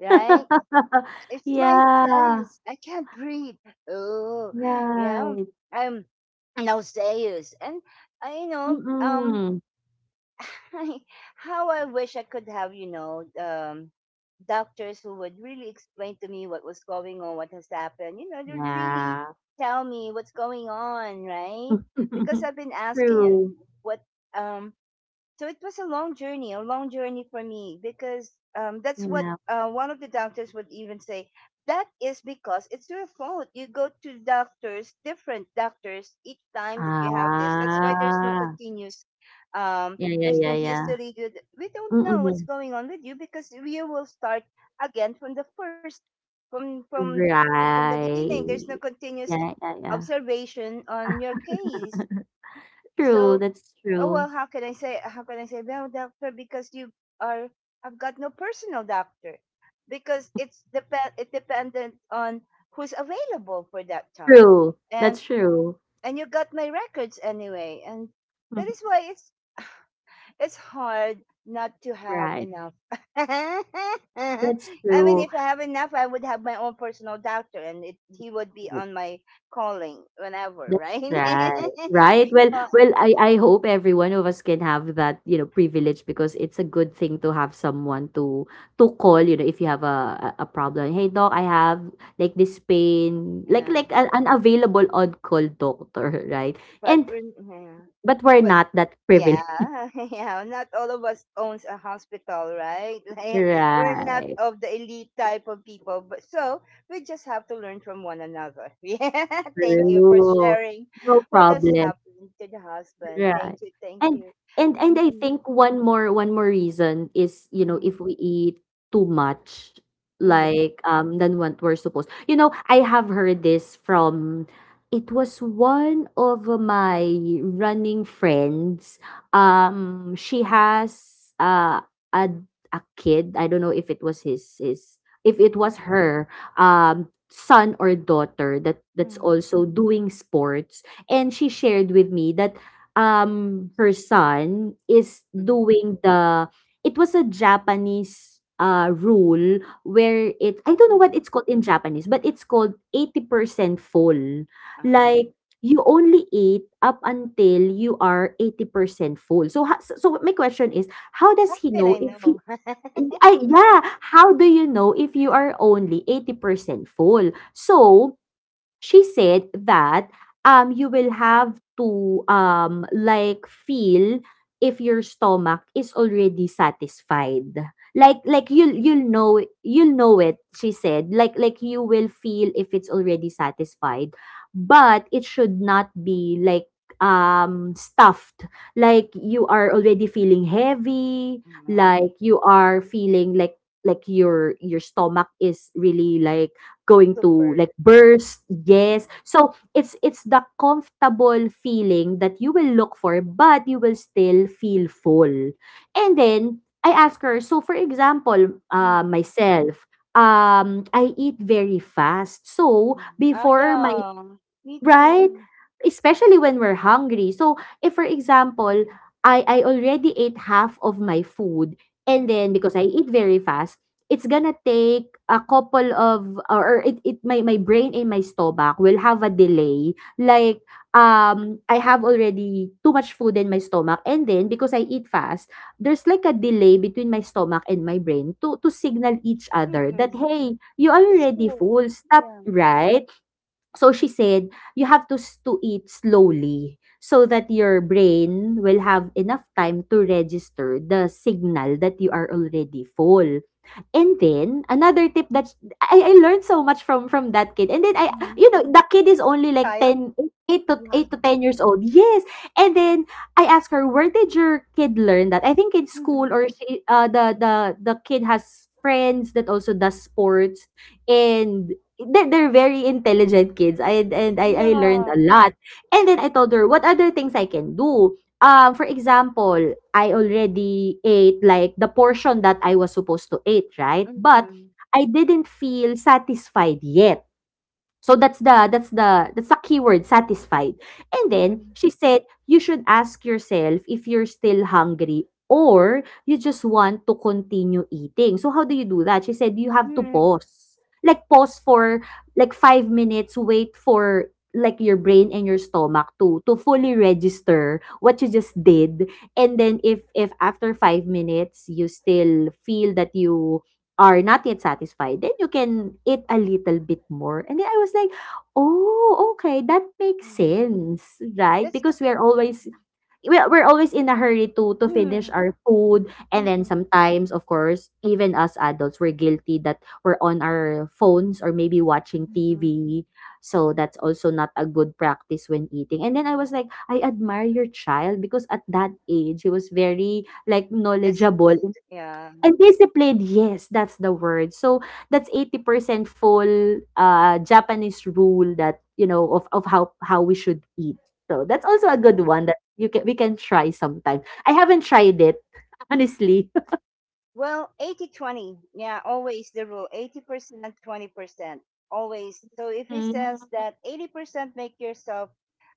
[SPEAKER 1] right? It's my
[SPEAKER 2] Yeah,
[SPEAKER 1] chest. I can't breathe. Oh, yeah.
[SPEAKER 2] right.
[SPEAKER 1] I'm nauseous, and I, you know, um,
[SPEAKER 2] Mm.
[SPEAKER 1] how I wish I could have, doctors who would really explain to me what was going on, what has happened, you know, to really
[SPEAKER 2] Yeah.
[SPEAKER 1] tell me what's going on, right? Because I've been asking and
[SPEAKER 2] True.
[SPEAKER 1] what um so it was a long journey for me because that's what
[SPEAKER 2] Yeah.
[SPEAKER 1] one of the doctors would even say. That is because it's your fault. You go to doctors, different doctors, each time that you have this. That's why there's no
[SPEAKER 2] Ah.
[SPEAKER 1] continuous, um,
[SPEAKER 2] Yeah, yeah,
[SPEAKER 1] there's
[SPEAKER 2] yeah,
[SPEAKER 1] no
[SPEAKER 2] yeah.
[SPEAKER 1] history. Good. We don't know what's
[SPEAKER 2] Mm.
[SPEAKER 1] going on with you because you will start again from the first, from from from the beginning.
[SPEAKER 2] Right.
[SPEAKER 1] There's no continuous
[SPEAKER 2] Yeah, yeah, yeah.
[SPEAKER 1] observation on your case.
[SPEAKER 2] True,
[SPEAKER 1] So,
[SPEAKER 2] that's
[SPEAKER 1] oh well,
[SPEAKER 2] true.
[SPEAKER 1] how can I say, well, doctor, because you are I've got no personal doctor, because it's dependent on who's available for that time,
[SPEAKER 2] True,
[SPEAKER 1] and
[SPEAKER 2] that's true.
[SPEAKER 1] and you got my records anyway, and that
[SPEAKER 2] Mhm.
[SPEAKER 1] is why it's hard not to have
[SPEAKER 2] Right,
[SPEAKER 1] enough. I
[SPEAKER 2] that's
[SPEAKER 1] mean,
[SPEAKER 2] true.
[SPEAKER 1] if I have enough, I would have my own personal doctor, and he would be on my calling whenever,
[SPEAKER 2] That's
[SPEAKER 1] right?
[SPEAKER 2] right. Right? Well
[SPEAKER 1] But
[SPEAKER 2] well, I hope every one of us can have that, you know, privilege, because it's a good thing to have someone to call, you know, if you have a problem. "Hey, doc, I have, like, this pain." Like
[SPEAKER 1] yeah.
[SPEAKER 2] an available on-call doctor, right?
[SPEAKER 1] But
[SPEAKER 2] And,
[SPEAKER 1] we're, yeah.
[SPEAKER 2] but we're
[SPEAKER 1] But
[SPEAKER 2] not that privileged.
[SPEAKER 1] yeah, yeah. Not all of us owns a hospital, right? Like, we're not
[SPEAKER 2] Right.
[SPEAKER 1] of the elite type of people, but so we just have to learn from one another. Yeah. Thank you for
[SPEAKER 2] True.
[SPEAKER 1] sharing
[SPEAKER 2] No
[SPEAKER 1] what has
[SPEAKER 2] problem.
[SPEAKER 1] happened to the husband.
[SPEAKER 2] Right.
[SPEAKER 1] Thank you. Thank
[SPEAKER 2] And
[SPEAKER 1] you.
[SPEAKER 2] and I
[SPEAKER 1] Mm-mm,
[SPEAKER 2] think one more reason is, you know,
[SPEAKER 1] mm-hmm,
[SPEAKER 2] if we eat too much,
[SPEAKER 1] mm-hmm,
[SPEAKER 2] like than what we're supposed. You know, I have heard this from, it was one of my running friends. She has a kid. I don't know if it was his if it was her um son or daughter that's
[SPEAKER 1] mm-hmm,
[SPEAKER 2] also doing sports. And she shared with me that her son is
[SPEAKER 1] mm-hmm,
[SPEAKER 2] doing the, it was a Japanese rule where it, I don't know what
[SPEAKER 1] mm-hmm.
[SPEAKER 2] it's called in Japanese, but it's called 80% full.
[SPEAKER 1] Uh,
[SPEAKER 2] Like you only eat up until you are 80% full. So so my question is, how
[SPEAKER 1] how
[SPEAKER 2] does he
[SPEAKER 1] can
[SPEAKER 2] know
[SPEAKER 1] I
[SPEAKER 2] if he—
[SPEAKER 1] know?
[SPEAKER 2] yeah, how do you know if you are only 80% full? So she said that you will have to like feel if your stomach is already satisfied. Like you'll know, you'll know it. She said like you will feel if it's already satisfied, but it should not be like stuffed, like you are already feeling heavy,
[SPEAKER 1] Ah,
[SPEAKER 2] like you are feeling like your stomach is really like going to
[SPEAKER 1] super.
[SPEAKER 2] like
[SPEAKER 1] Yeah.
[SPEAKER 2] burst.
[SPEAKER 1] Uh-huh.
[SPEAKER 2] Yes, so it's the comfortable feeling that you will look for, but you will still feel full. And then I ask her, so for example,
[SPEAKER 1] Mm-mm.
[SPEAKER 2] myself, I eat very fast, so
[SPEAKER 1] Mm. Oh,
[SPEAKER 2] before my—
[SPEAKER 1] yeah. Me
[SPEAKER 2] Right?
[SPEAKER 1] too.
[SPEAKER 2] Especially when we're hungry. So, if for example,
[SPEAKER 1] Mm-mm.
[SPEAKER 2] I already ate half of my food, and then
[SPEAKER 1] Mm-mm.
[SPEAKER 2] because I eat very fast, it's gonna take a couple of, or it, my brain and my stomach will have a delay. Like I have already too much food in my stomach, and then because I eat fast, there's like a delay between my stomach and my brain to signal each other that,
[SPEAKER 1] Mm-mm.
[SPEAKER 2] hey, you are
[SPEAKER 1] It's
[SPEAKER 2] already
[SPEAKER 1] cool.
[SPEAKER 2] full, stop,
[SPEAKER 1] Yeah.
[SPEAKER 2] right? So she said, "You have to s— to eat slowly so that your brain will have enough time to register the signal that you are already full." And then another tip that's— I learned so much from that kid. And then I,
[SPEAKER 1] Mm-mm.
[SPEAKER 2] you know, the kid is
[SPEAKER 1] A
[SPEAKER 2] only like
[SPEAKER 1] child?
[SPEAKER 2] 10, 8 to 8 to
[SPEAKER 1] Wow.
[SPEAKER 2] 10 years old. Yes. And then I asked her, "Where did your kid learn that?" I think in school,
[SPEAKER 1] Mm-mm.
[SPEAKER 2] or she, the the kid has friends that also does sports, and they're very intelligent kids. I and I I learned
[SPEAKER 1] Yeah.
[SPEAKER 2] a lot. And then I told her what other things I can do. For example, I already ate like the portion that I was supposed to eat, right? But
[SPEAKER 1] Mm-mm.
[SPEAKER 2] I didn't feel satisfied yet. So that's the keyword, satisfied. And then
[SPEAKER 1] Mm-mm.
[SPEAKER 2] she said, you should ask yourself if you're still hungry or you just want to continue eating. So how do you do that? She said you have to
[SPEAKER 1] Mm-mm.
[SPEAKER 2] pause. Like pause for like 5 minutes, wait for like your brain and your stomach to fully register what you just did. And then if after 5 minutes you still feel that you are not yet satisfied, then you can eat a little bit more. And then I was like, "Oh, okay, that makes
[SPEAKER 1] Mm.
[SPEAKER 2] sense, right?" Because
[SPEAKER 1] Discipline. Mm.
[SPEAKER 2] we're always in a hurry to finish
[SPEAKER 1] Mm.
[SPEAKER 2] our food, and then
[SPEAKER 1] Mm-mm.
[SPEAKER 2] sometimes, of course, even us adults, we're guilty that we're on our phones or maybe watching
[SPEAKER 1] Mm-mm.
[SPEAKER 2] TV. So that's also not a good practice when eating. And then I was like, I admire your child because at that age, he was very like knowledgeable
[SPEAKER 1] Disciplined. Yeah.
[SPEAKER 2] and disciplined, yes, that's the word. So that's 80% full Japanese rule that, you know, of how we should eat. So that's also a
[SPEAKER 1] Yeah.
[SPEAKER 2] good one that you can we can try sometime. I haven't tried it, honestly.
[SPEAKER 1] Well, 80/20. Yeah, always the rule 80%, 20%. Always. So if he
[SPEAKER 2] Mm.
[SPEAKER 1] says that 80%, make yourself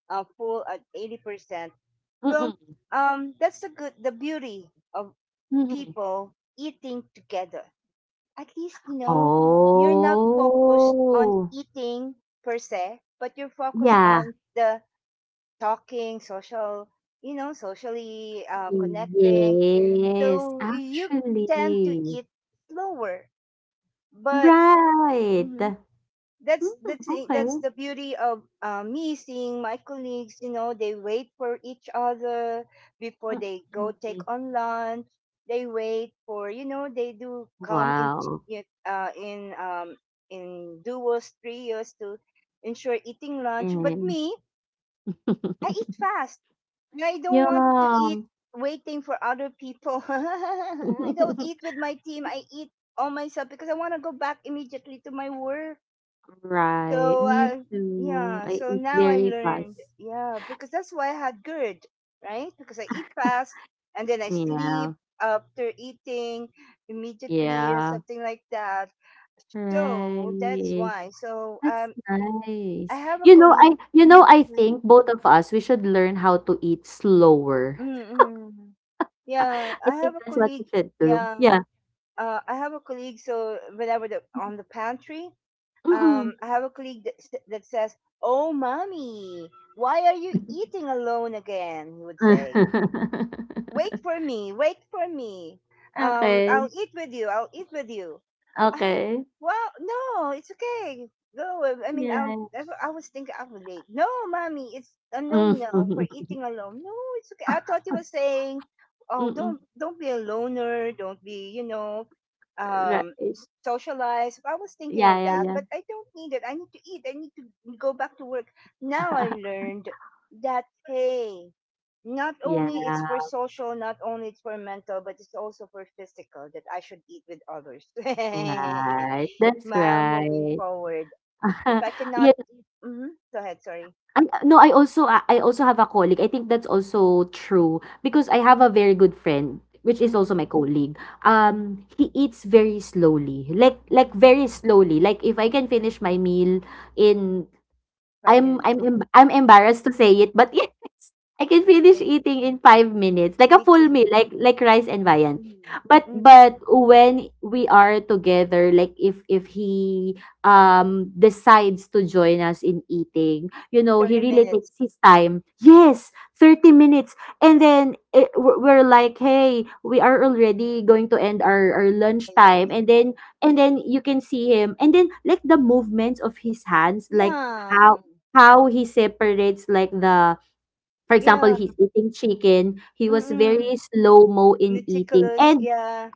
[SPEAKER 1] a fool at 80%. Well,
[SPEAKER 2] Mm-mm.
[SPEAKER 1] that's the good, the beauty of
[SPEAKER 2] Mhm.
[SPEAKER 1] people eating together. At least you know you're not focused on
[SPEAKER 2] Oh,
[SPEAKER 1] eating per se, but you're focused
[SPEAKER 2] yeah.
[SPEAKER 1] on the talking, social, you know, socially connecting.
[SPEAKER 2] Yes,
[SPEAKER 1] So you tend to
[SPEAKER 2] actually.
[SPEAKER 1] eat slower, but
[SPEAKER 2] Right.
[SPEAKER 1] mm-hmm,
[SPEAKER 2] Mm, okay.
[SPEAKER 1] that's the beauty of me seeing my colleagues. You know, they wait for each other before they go take
[SPEAKER 2] Mm-mm.
[SPEAKER 1] on lunch. They wait for, you know, they do come in
[SPEAKER 2] Wow.
[SPEAKER 1] in duos, trios to ensure eating lunch. But me, I eat fast and I don't want to eat
[SPEAKER 2] Yum.
[SPEAKER 1] waiting for other people. I don't eat with my team. I eat all myself because I want to go back immediately to my work.
[SPEAKER 2] Right,
[SPEAKER 1] So
[SPEAKER 2] me too.
[SPEAKER 1] yeah,
[SPEAKER 2] I
[SPEAKER 1] so
[SPEAKER 2] eat
[SPEAKER 1] now I
[SPEAKER 2] very
[SPEAKER 1] learned.
[SPEAKER 2] fast.
[SPEAKER 1] Yeah, because that's why I had GERD, right? Because I eat fast and then I
[SPEAKER 2] Yeah,
[SPEAKER 1] sleep after eating immediately or
[SPEAKER 2] yeah.
[SPEAKER 1] something like that. So that's
[SPEAKER 2] Right.
[SPEAKER 1] why. So,
[SPEAKER 2] That's
[SPEAKER 1] I
[SPEAKER 2] nice.
[SPEAKER 1] have a colleague.
[SPEAKER 2] You
[SPEAKER 1] Mhm,
[SPEAKER 2] know, I
[SPEAKER 1] mm,
[SPEAKER 2] think both of us we should learn how to eat slower.
[SPEAKER 1] mm, mm.
[SPEAKER 2] I
[SPEAKER 1] Yeah, I have
[SPEAKER 2] think
[SPEAKER 1] a
[SPEAKER 2] that's what we
[SPEAKER 1] colleague.
[SPEAKER 2] should do.
[SPEAKER 1] Yeah,
[SPEAKER 2] Yeah.
[SPEAKER 1] I have a colleague. So when I was on the pantry,
[SPEAKER 2] Mm-mm.
[SPEAKER 1] I have a colleague that says, "Oh, mommy, why are you eating alone again?" He would say, wait for me, wait for me. I'll
[SPEAKER 2] Okay.
[SPEAKER 1] eat with you. I'll eat with you. I mean,
[SPEAKER 2] Okay.
[SPEAKER 1] well, no, it's okay. Go. I mean, um,
[SPEAKER 2] Yeah.
[SPEAKER 1] I, I was thinking I was late. "No, mommy, it's a no, no for
[SPEAKER 2] Mm.
[SPEAKER 1] eating alone. No, it's okay." I thought you were saying, "Oh,
[SPEAKER 2] Mm-mm.
[SPEAKER 1] don't be a loner. Don't be,
[SPEAKER 2] Right.
[SPEAKER 1] socialize." I was thinking
[SPEAKER 2] Yeah,
[SPEAKER 1] of
[SPEAKER 2] yeah,
[SPEAKER 1] that,
[SPEAKER 2] yeah.
[SPEAKER 1] but I don't need it. I need to eat. I need to go back to work. Now I learned that, hey, not
[SPEAKER 2] Yeah,
[SPEAKER 1] only it's for social, not only it's for mental, but it's also for physical that I should eat with others.
[SPEAKER 2] right. That's
[SPEAKER 1] Ma'am, moving
[SPEAKER 2] right.
[SPEAKER 1] forward, if I cannot,
[SPEAKER 2] Yeah,
[SPEAKER 1] eat, mm-hmm, go ahead. Sorry.
[SPEAKER 2] I no, I also— ah, I also have a colleague. I think that's also true because I have a very good friend, which is also
[SPEAKER 1] Mm-hmm,
[SPEAKER 2] my colleague.
[SPEAKER 1] hmm,
[SPEAKER 2] He eats very slowly, like
[SPEAKER 1] hmm.
[SPEAKER 2] very slowly. Like if I can finish my meal in—
[SPEAKER 1] Five minutes.
[SPEAKER 2] I'm emb I'm embarrassed to say it, but yes, I can
[SPEAKER 1] Yeah,
[SPEAKER 2] finish eating in 5 minutes, like
[SPEAKER 1] me
[SPEAKER 2] a full
[SPEAKER 1] too.
[SPEAKER 2] meal, like rice and viand.
[SPEAKER 1] Mm-hmm,
[SPEAKER 2] But
[SPEAKER 1] mm.
[SPEAKER 2] when we are together, like if he decides to join us in eating, you know,
[SPEAKER 1] 30
[SPEAKER 2] he really
[SPEAKER 1] minutes.
[SPEAKER 2] takes his time. Yes, 30 minutes. And then we're like, "Hey, we are already going to end our lunch time." And
[SPEAKER 1] Yeah.
[SPEAKER 2] then you can see him. And then like the movements of his hands, like
[SPEAKER 1] Yeah.
[SPEAKER 2] how he separates like the— for example,
[SPEAKER 1] Yeah.
[SPEAKER 2] he's eating chicken. He was
[SPEAKER 1] Mm-mm.
[SPEAKER 2] very slow mo in eating
[SPEAKER 1] Meticulous.
[SPEAKER 2] and—
[SPEAKER 1] Yeah.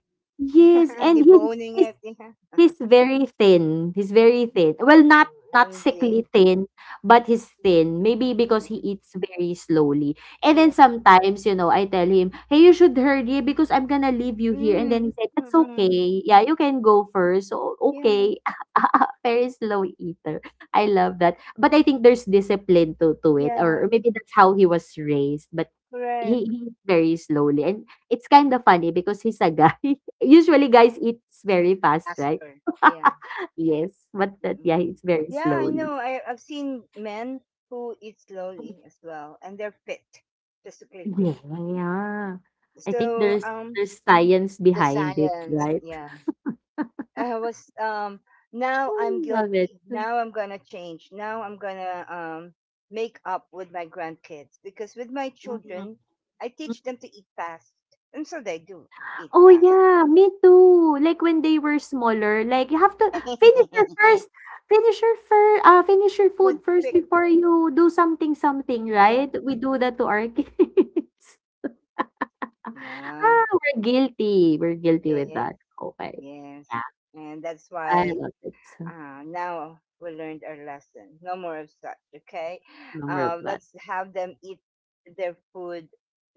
[SPEAKER 2] yes, and his
[SPEAKER 1] Deboning
[SPEAKER 2] his
[SPEAKER 1] it. Yeah.
[SPEAKER 2] he's very thin, he's very thin. Well, not not
[SPEAKER 1] MG.
[SPEAKER 2] sickly thin, but he's
[SPEAKER 1] Yeah.
[SPEAKER 2] thin. Maybe because he
[SPEAKER 1] Mm-mm.
[SPEAKER 2] eats very slowly. And then
[SPEAKER 1] Yeah.
[SPEAKER 2] sometimes, you know, I tell him, "Hey, you should hurry because I'm gonna leave you here." And
[SPEAKER 1] Mm.
[SPEAKER 2] then he said, "That's
[SPEAKER 1] Mm-mm.
[SPEAKER 2] okay. Yeah, you can go first." So,
[SPEAKER 1] Yeah,
[SPEAKER 2] okay. Very slow eater. I love that. But I think there's discipline to it,
[SPEAKER 1] yeah,
[SPEAKER 2] or maybe that's how he was raised. But he—
[SPEAKER 1] correct.
[SPEAKER 2] eats very slowly, and it's kind of funny because he's a guy. Usually, guys eats very fast, right?
[SPEAKER 1] Faster. Yeah.
[SPEAKER 2] Yes, but that— yeah,
[SPEAKER 1] Mm.
[SPEAKER 2] it's very
[SPEAKER 1] Yeah, I know.
[SPEAKER 2] slowly.
[SPEAKER 1] I've seen men who eat slowly as well, and they're fit, physically fit.
[SPEAKER 2] Yeah, yeah. I think
[SPEAKER 1] So,
[SPEAKER 2] there's there's science
[SPEAKER 1] the
[SPEAKER 2] behind it,
[SPEAKER 1] science,
[SPEAKER 2] right?
[SPEAKER 1] yeah. I was, um, Now I'm
[SPEAKER 2] Mm, love it.
[SPEAKER 1] guilty. Now I'm gonna change. Now I'm gonna, make up with my grandkids because with my
[SPEAKER 2] Mm, mm.
[SPEAKER 1] children, I teach them to eat fast, and so they do eat
[SPEAKER 2] Oh
[SPEAKER 1] fast.
[SPEAKER 2] yeah, me too. Like when they were smaller, like you have to finish your first, finish your food
[SPEAKER 1] Food
[SPEAKER 2] first
[SPEAKER 1] quick.
[SPEAKER 2] before you do something— something,
[SPEAKER 1] Yeah.
[SPEAKER 2] right? We do that to our kids. Ah,
[SPEAKER 1] Yeah,
[SPEAKER 2] ah, we're guilty. We're guilty with
[SPEAKER 1] yes,
[SPEAKER 2] that. Okay.
[SPEAKER 1] yes.
[SPEAKER 2] Yeah,
[SPEAKER 1] And that's
[SPEAKER 2] I
[SPEAKER 1] why
[SPEAKER 2] love it.
[SPEAKER 1] now we learned our lesson. No more of such, okay?
[SPEAKER 2] Remember that.
[SPEAKER 1] Let's have them eat their food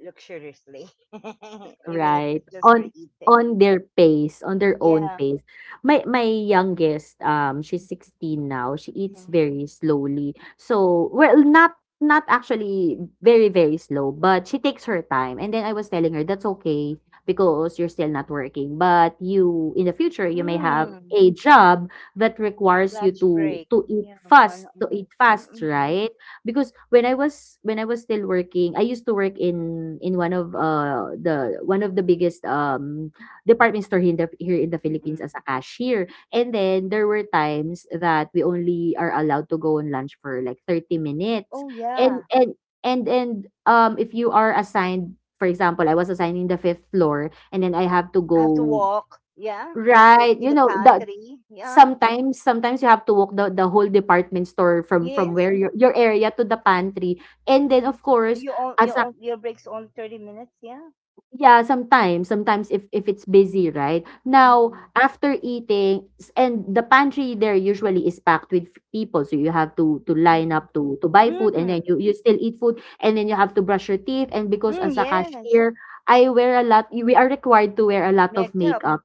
[SPEAKER 1] luxuriously, even if
[SPEAKER 2] Right,
[SPEAKER 1] it's just for
[SPEAKER 2] on
[SPEAKER 1] eating.
[SPEAKER 2] their pace, on their own
[SPEAKER 1] Yeah.
[SPEAKER 2] pace. My youngest, she's
[SPEAKER 1] Mm-hmm.
[SPEAKER 2] 16 now, she eats very slowly. So, well,
[SPEAKER 1] Mm-hmm.
[SPEAKER 2] not not actually very, very slow, but she takes her time, and then I was telling her, "That's okay because you're still not working, but you in the future, you may have
[SPEAKER 1] Mm.
[SPEAKER 2] a job that requires you
[SPEAKER 1] Lunch
[SPEAKER 2] to
[SPEAKER 1] break.
[SPEAKER 2] eat
[SPEAKER 1] Yeah, one
[SPEAKER 2] fast
[SPEAKER 1] hour. Mm-mm.
[SPEAKER 2] right?" Because when I was still working, I used to work in one of the one of the biggest department store here in the Philippines
[SPEAKER 1] Mm-mm.
[SPEAKER 2] as a cashier. And then there were times that we only are allowed to go on lunch for like 30 minutes.
[SPEAKER 1] Oh,
[SPEAKER 2] And
[SPEAKER 1] yeah.
[SPEAKER 2] and and if you are assigned, for example, I was assigned in the fifth floor, and then I have to
[SPEAKER 1] I have to
[SPEAKER 2] go,
[SPEAKER 1] walk. Yeah. Go
[SPEAKER 2] right,
[SPEAKER 1] to
[SPEAKER 2] you
[SPEAKER 1] the
[SPEAKER 2] know, the—
[SPEAKER 1] pantry. Yeah.
[SPEAKER 2] Sometimes you have to walk the whole department store from where
[SPEAKER 1] Yes.
[SPEAKER 2] your area to the pantry, and then of course,
[SPEAKER 1] You on you
[SPEAKER 2] as a—
[SPEAKER 1] on your break's on 30 minutes, yeah.
[SPEAKER 2] yeah, sometimes if it's busy, right? Now,
[SPEAKER 1] Mm-mm.
[SPEAKER 2] after eating s— and the pantry there usually is packed with f- people, so you have to line
[SPEAKER 1] Mm-mm.
[SPEAKER 2] up to buy food, and then
[SPEAKER 1] Mm.
[SPEAKER 2] you— you still eat food, and then you have to brush your teeth, and because
[SPEAKER 1] Mm,
[SPEAKER 2] as a
[SPEAKER 1] yes.
[SPEAKER 2] cashier, I wear a lot we are required to wear a lot of
[SPEAKER 1] Makeup.
[SPEAKER 2] makeup.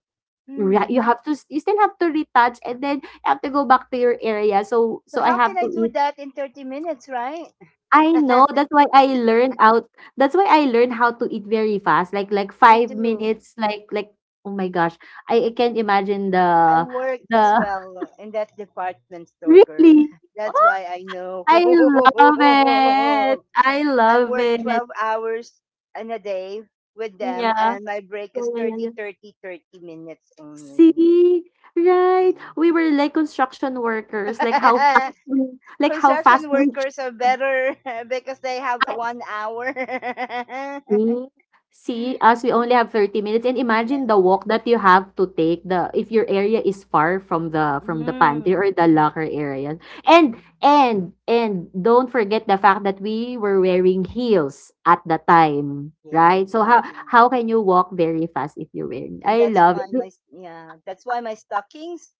[SPEAKER 2] Right,
[SPEAKER 1] Mm.
[SPEAKER 2] you have to s— you still have to retouch, and then you have to go back to your area. So
[SPEAKER 1] So
[SPEAKER 2] so I
[SPEAKER 1] how can
[SPEAKER 2] have
[SPEAKER 1] I
[SPEAKER 2] to
[SPEAKER 1] do
[SPEAKER 2] eat—
[SPEAKER 1] that in 30 minutes, right?
[SPEAKER 2] I know, that's why I learned out— that's why I learned how to eat very fast, like
[SPEAKER 1] Me
[SPEAKER 2] 5
[SPEAKER 1] too.
[SPEAKER 2] minutes, like— oh my gosh, I can't imagine
[SPEAKER 1] I
[SPEAKER 2] the—
[SPEAKER 1] work as
[SPEAKER 2] the—
[SPEAKER 1] well in that department store, girl.
[SPEAKER 2] really?
[SPEAKER 1] That's
[SPEAKER 2] Oh,
[SPEAKER 1] why I know.
[SPEAKER 2] I love it. I
[SPEAKER 1] I
[SPEAKER 2] love
[SPEAKER 1] work
[SPEAKER 2] it.
[SPEAKER 1] 12 hours in a day with them,
[SPEAKER 2] Yeah.
[SPEAKER 1] and my break
[SPEAKER 2] Yeah,
[SPEAKER 1] is
[SPEAKER 2] yeah, yeah,
[SPEAKER 1] thirty,
[SPEAKER 2] yeah.
[SPEAKER 1] thirty, thirty minutes only.
[SPEAKER 2] See? Right.
[SPEAKER 1] Mm.
[SPEAKER 2] We were like construction workers, like how fast we—
[SPEAKER 1] Construction workers are better because they have one hour.
[SPEAKER 2] see,
[SPEAKER 1] Yeah.
[SPEAKER 2] as we only have 30 minutes, and imagine the walk that you have to take, the— if your area is far from the pantry
[SPEAKER 1] Mm.
[SPEAKER 2] or the locker area. And don't forget the fact that we were wearing heels at the time,
[SPEAKER 1] Yeah.
[SPEAKER 2] right? So how—
[SPEAKER 1] Yeah.
[SPEAKER 2] how can you walk very fast if you're wearing?
[SPEAKER 1] And
[SPEAKER 2] I
[SPEAKER 1] that's
[SPEAKER 2] love
[SPEAKER 1] why
[SPEAKER 2] it.
[SPEAKER 1] my yeah, That's why my stockings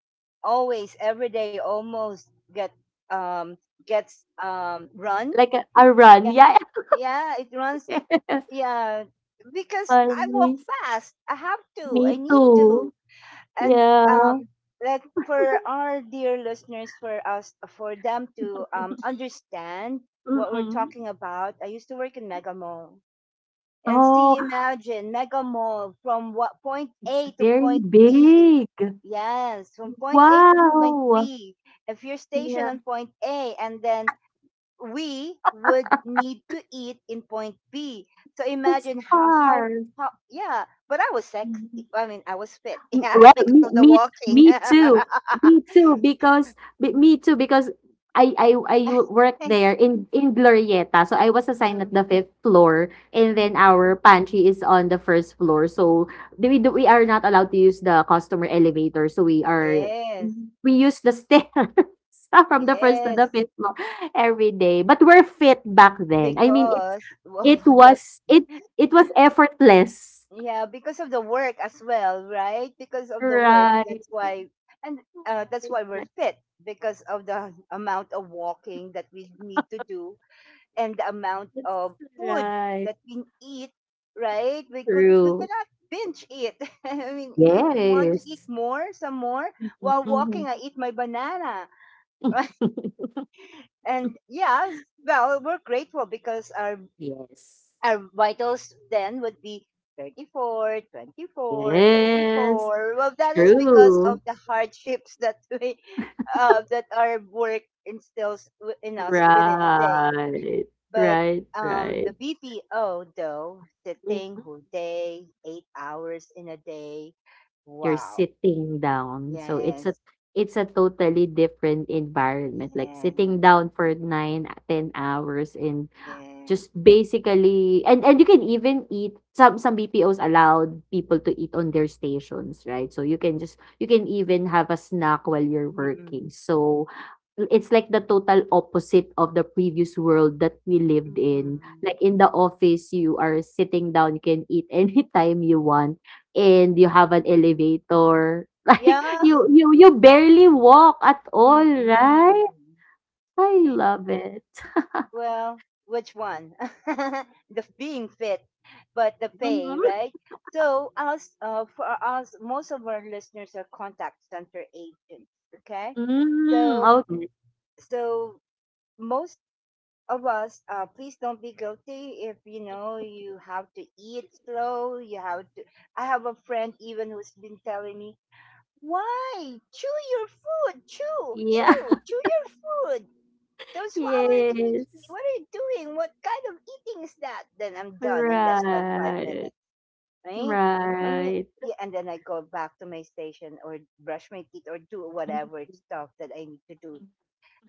[SPEAKER 1] always every day almost get um gets run.
[SPEAKER 2] Like a run.
[SPEAKER 1] Yeah.
[SPEAKER 2] Yeah.
[SPEAKER 1] Yeah, it runs,
[SPEAKER 2] Yes.
[SPEAKER 1] yeah, because I walk
[SPEAKER 2] Funny.
[SPEAKER 1] fast. I have to. I
[SPEAKER 2] Me
[SPEAKER 1] need
[SPEAKER 2] too.
[SPEAKER 1] to. And um
[SPEAKER 2] Yeah.
[SPEAKER 1] like, for our dear listeners, for us, for them to understand what we're
[SPEAKER 2] Mm-mm.
[SPEAKER 1] talking about, I used to work in Mega Mall, and
[SPEAKER 2] Oh,
[SPEAKER 1] see, imagine Mega Mall from what point
[SPEAKER 2] it's
[SPEAKER 1] A to
[SPEAKER 2] very
[SPEAKER 1] point B.
[SPEAKER 2] big.
[SPEAKER 1] Yes, from point A to point
[SPEAKER 2] Wow!
[SPEAKER 1] B. If you're stationed
[SPEAKER 2] Yeah,
[SPEAKER 1] on point A and then we would need to eat in point B. So
[SPEAKER 2] that's
[SPEAKER 1] imagine how, how,
[SPEAKER 2] hard.
[SPEAKER 1] how yeah. But I was sexy.
[SPEAKER 2] Mm-hmm.
[SPEAKER 1] I mean, I was fit.
[SPEAKER 2] Mm,
[SPEAKER 1] Yeah,
[SPEAKER 2] well,
[SPEAKER 1] because of the walking.
[SPEAKER 2] me too. Me too because— be- me too because I u- worked there in Glorieta. So I was assigned at
[SPEAKER 1] Mm,
[SPEAKER 2] the fifth floor, and then
[SPEAKER 1] mm.
[SPEAKER 2] our pantry is on the first floor. So the— we do, we are not allowed to use the customer elevator. So we— are
[SPEAKER 1] Yes,
[SPEAKER 2] we use the stairs from the first to the
[SPEAKER 1] yes.
[SPEAKER 2] fifth floor every day. But we're fit back then. I mean it's—
[SPEAKER 1] Because well,
[SPEAKER 2] it
[SPEAKER 1] the
[SPEAKER 2] was— it was effortless.
[SPEAKER 1] yeah, because of the work as well, right? Because of the work,
[SPEAKER 2] Right.
[SPEAKER 1] and uh, that's
[SPEAKER 2] Right,
[SPEAKER 1] why we're
[SPEAKER 2] right.
[SPEAKER 1] fit because of the amount of walking that we need to do and the amount
[SPEAKER 2] That's
[SPEAKER 1] of food
[SPEAKER 2] right.
[SPEAKER 1] that we eat, right? We could we
[SPEAKER 2] True.
[SPEAKER 1] cannot binge eat. I mean, if we want to eat
[SPEAKER 2] Yes.
[SPEAKER 1] more, some more
[SPEAKER 2] Mhm,
[SPEAKER 1] while walking,
[SPEAKER 2] mhm.
[SPEAKER 1] I eat my banana, right? And yes, well, we're grateful because our
[SPEAKER 2] Yes.
[SPEAKER 1] our vitals then would be 34, 24, thirty
[SPEAKER 2] Yes.
[SPEAKER 1] four. Well, that is because of
[SPEAKER 2] True.
[SPEAKER 1] the hardships that our work instills in us within a day.
[SPEAKER 2] Right.
[SPEAKER 1] But
[SPEAKER 2] Right,
[SPEAKER 1] the
[SPEAKER 2] right.
[SPEAKER 1] BPO, though, sitting
[SPEAKER 2] Mhm.
[SPEAKER 1] whole day, 8 hours in a day.
[SPEAKER 2] You're
[SPEAKER 1] Wow.
[SPEAKER 2] sitting down. So it's a
[SPEAKER 1] Yes.
[SPEAKER 2] it's a totally different environment. Like
[SPEAKER 1] Yes.
[SPEAKER 2] sitting down for 9, 10 hours in
[SPEAKER 1] Yes.
[SPEAKER 2] just basically, and you can even eat some BPOs allowed people to eat on their stations, right? So you can even have a snack while you're
[SPEAKER 1] Mm-mm.
[SPEAKER 2] working. So it's like the total opposite of the previous world that we lived in.
[SPEAKER 1] Mm-mm.
[SPEAKER 2] Like in the office, you are sitting down, you can eat anytime you want, and you have an
[SPEAKER 1] Mm-mm.
[SPEAKER 2] elevator. Like
[SPEAKER 1] Yeah.
[SPEAKER 2] you barely walk at all,
[SPEAKER 1] Mm-mm.
[SPEAKER 2] right? I
[SPEAKER 1] Yeah.
[SPEAKER 2] love it.
[SPEAKER 1] Well, which one? The being fit, but the pay,
[SPEAKER 2] Mhm.
[SPEAKER 1] right? So, for us, most of our listeners are contact center agents. Okay.
[SPEAKER 2] Mm,
[SPEAKER 1] So,
[SPEAKER 2] okay.
[SPEAKER 1] so, most of us, please don't be guilty. If you know, you have to eat slow. You have to I have a friend even who's been telling me, why? Chew your food. Chew,
[SPEAKER 2] Yeah.
[SPEAKER 1] chew, chew your food. Don't swallow it immediately.
[SPEAKER 2] Yes.
[SPEAKER 1] What are you doing? What kind of eating is that? Then I'm done in less than five
[SPEAKER 2] Right.
[SPEAKER 1] minutes right? I mean,
[SPEAKER 2] Right.
[SPEAKER 1] yeah, and then I go back to my station or brush my teeth or do whatever stuff that I need to do.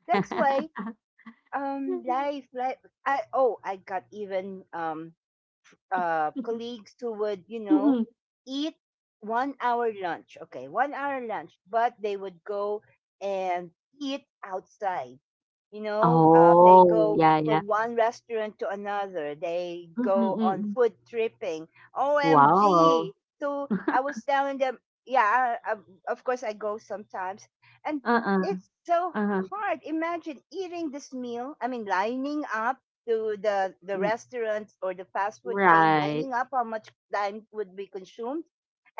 [SPEAKER 1] That's why life, life. I oh, I got even colleagues who would,
[SPEAKER 2] Mm.
[SPEAKER 1] eat one hour lunch. Okay, one hour lunch, but they would go and eat outside. You know, they
[SPEAKER 2] Oh,
[SPEAKER 1] go
[SPEAKER 2] yeah, yeah.
[SPEAKER 1] from one restaurant to another. They
[SPEAKER 2] Mm,
[SPEAKER 1] go on
[SPEAKER 2] mm.
[SPEAKER 1] food tripping. OMG!
[SPEAKER 2] Wow.
[SPEAKER 1] So I was telling them, yeah, of course I go sometimes, and
[SPEAKER 2] Uh-uh.
[SPEAKER 1] it's so
[SPEAKER 2] Uh-huh.
[SPEAKER 1] hard. Imagine eating this meal. I mean, lining up to the
[SPEAKER 2] Mm,
[SPEAKER 1] restaurants or the fast food chain.
[SPEAKER 2] right.
[SPEAKER 1] Lining up, how much time would be consumed,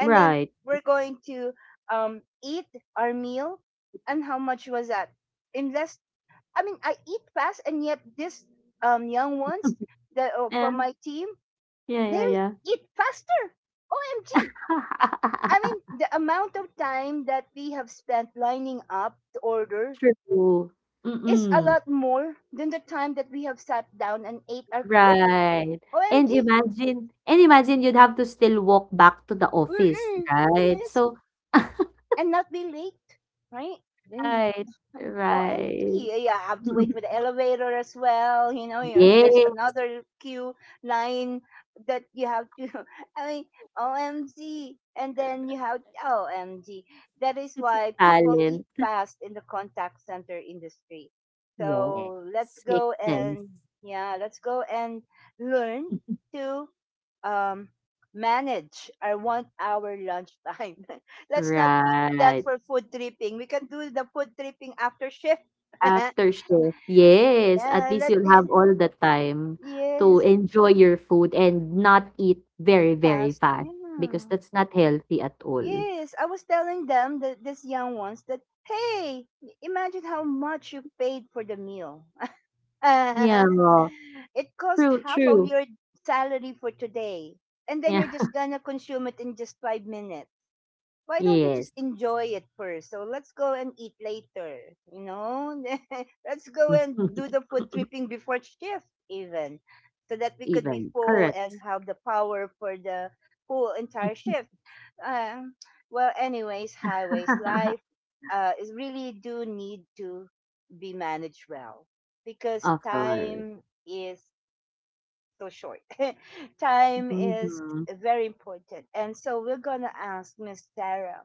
[SPEAKER 1] and then we're going to eat our meal. And how much was that? Unless, I mean, I eat fast, and yet this young ones that
[SPEAKER 2] Yeah.
[SPEAKER 1] from my team,
[SPEAKER 2] Yeah,
[SPEAKER 1] they
[SPEAKER 2] yeah, yeah.
[SPEAKER 1] eat faster. OMG! I mean, the amount of time that we have spent lining up to order
[SPEAKER 2] True.
[SPEAKER 1] is a
[SPEAKER 2] Mm-mm.
[SPEAKER 1] lot more than the time that we have sat down and ate our food.
[SPEAKER 2] Right. And
[SPEAKER 1] OMG.
[SPEAKER 2] imagine and imagine you'd have to still walk back to the office,
[SPEAKER 1] Mm-mm.
[SPEAKER 2] right?
[SPEAKER 1] Yes,
[SPEAKER 2] So
[SPEAKER 1] and not be late, right? Then,
[SPEAKER 2] right, right.
[SPEAKER 1] OMG, yeah, I have to wait for the elevator as well. You there's
[SPEAKER 2] Yes,
[SPEAKER 1] another queue line that you have to. I mean, OMG, and then you have OMG. That is
[SPEAKER 2] it's a
[SPEAKER 1] why people eat
[SPEAKER 2] talent.
[SPEAKER 1] fast in the contact center industry.
[SPEAKER 2] Yes,
[SPEAKER 1] So let's
[SPEAKER 2] makes
[SPEAKER 1] go
[SPEAKER 2] sense.
[SPEAKER 1] and yeah, let's go and learn to um, manage our 1 hour lunch time. Let's not that
[SPEAKER 2] Right.
[SPEAKER 1] for food tripping. We can do the food tripping after shift.
[SPEAKER 2] After shift. Yes, at
[SPEAKER 1] yeah,
[SPEAKER 2] least
[SPEAKER 1] like
[SPEAKER 2] you'll have all the time to
[SPEAKER 1] yes,
[SPEAKER 2] enjoy your food and not eat very, very
[SPEAKER 1] fast.
[SPEAKER 2] fast because
[SPEAKER 1] Yeah.
[SPEAKER 2] that's not healthy at all.
[SPEAKER 1] Yes, I was telling them that these young ones that hey, imagine how much you paid for the meal.
[SPEAKER 2] Yeah,
[SPEAKER 1] It cost
[SPEAKER 2] true,
[SPEAKER 1] half of
[SPEAKER 2] true.
[SPEAKER 1] your salary for today. And then
[SPEAKER 2] Yeah.
[SPEAKER 1] you're just gonna consume it in just 5 minutes. Why don't you
[SPEAKER 2] Yes.
[SPEAKER 1] just enjoy it first? So let's go and eat later, you know? Let's go and do the food tripping before shift, even, so that we could be
[SPEAKER 2] Even.
[SPEAKER 1] full and
[SPEAKER 2] Correct.
[SPEAKER 1] have the power for the whole entire shift. Um, well, highways life is really do need to be managed well because
[SPEAKER 2] Of course.
[SPEAKER 1] time is so short. Time is
[SPEAKER 2] Mm-hmm.
[SPEAKER 1] very important. And so we're going to ask Miss Sarah,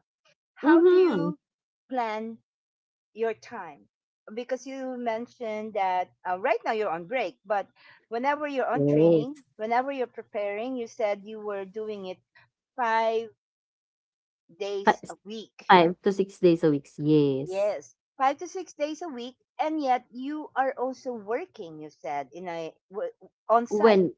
[SPEAKER 1] how do
[SPEAKER 2] Mm-hmm.
[SPEAKER 1] you plan your time? Because you mentioned that right now you're on break, but whenever you're on training,
[SPEAKER 2] Yes.
[SPEAKER 1] whenever you're preparing, you said you were doing it five
[SPEAKER 2] Fa-
[SPEAKER 1] days a week.
[SPEAKER 2] 5 to 6 days a week. Yes.
[SPEAKER 1] Yes, 5 to 6 days a week, and yet you are also working. You said on site.
[SPEAKER 2] When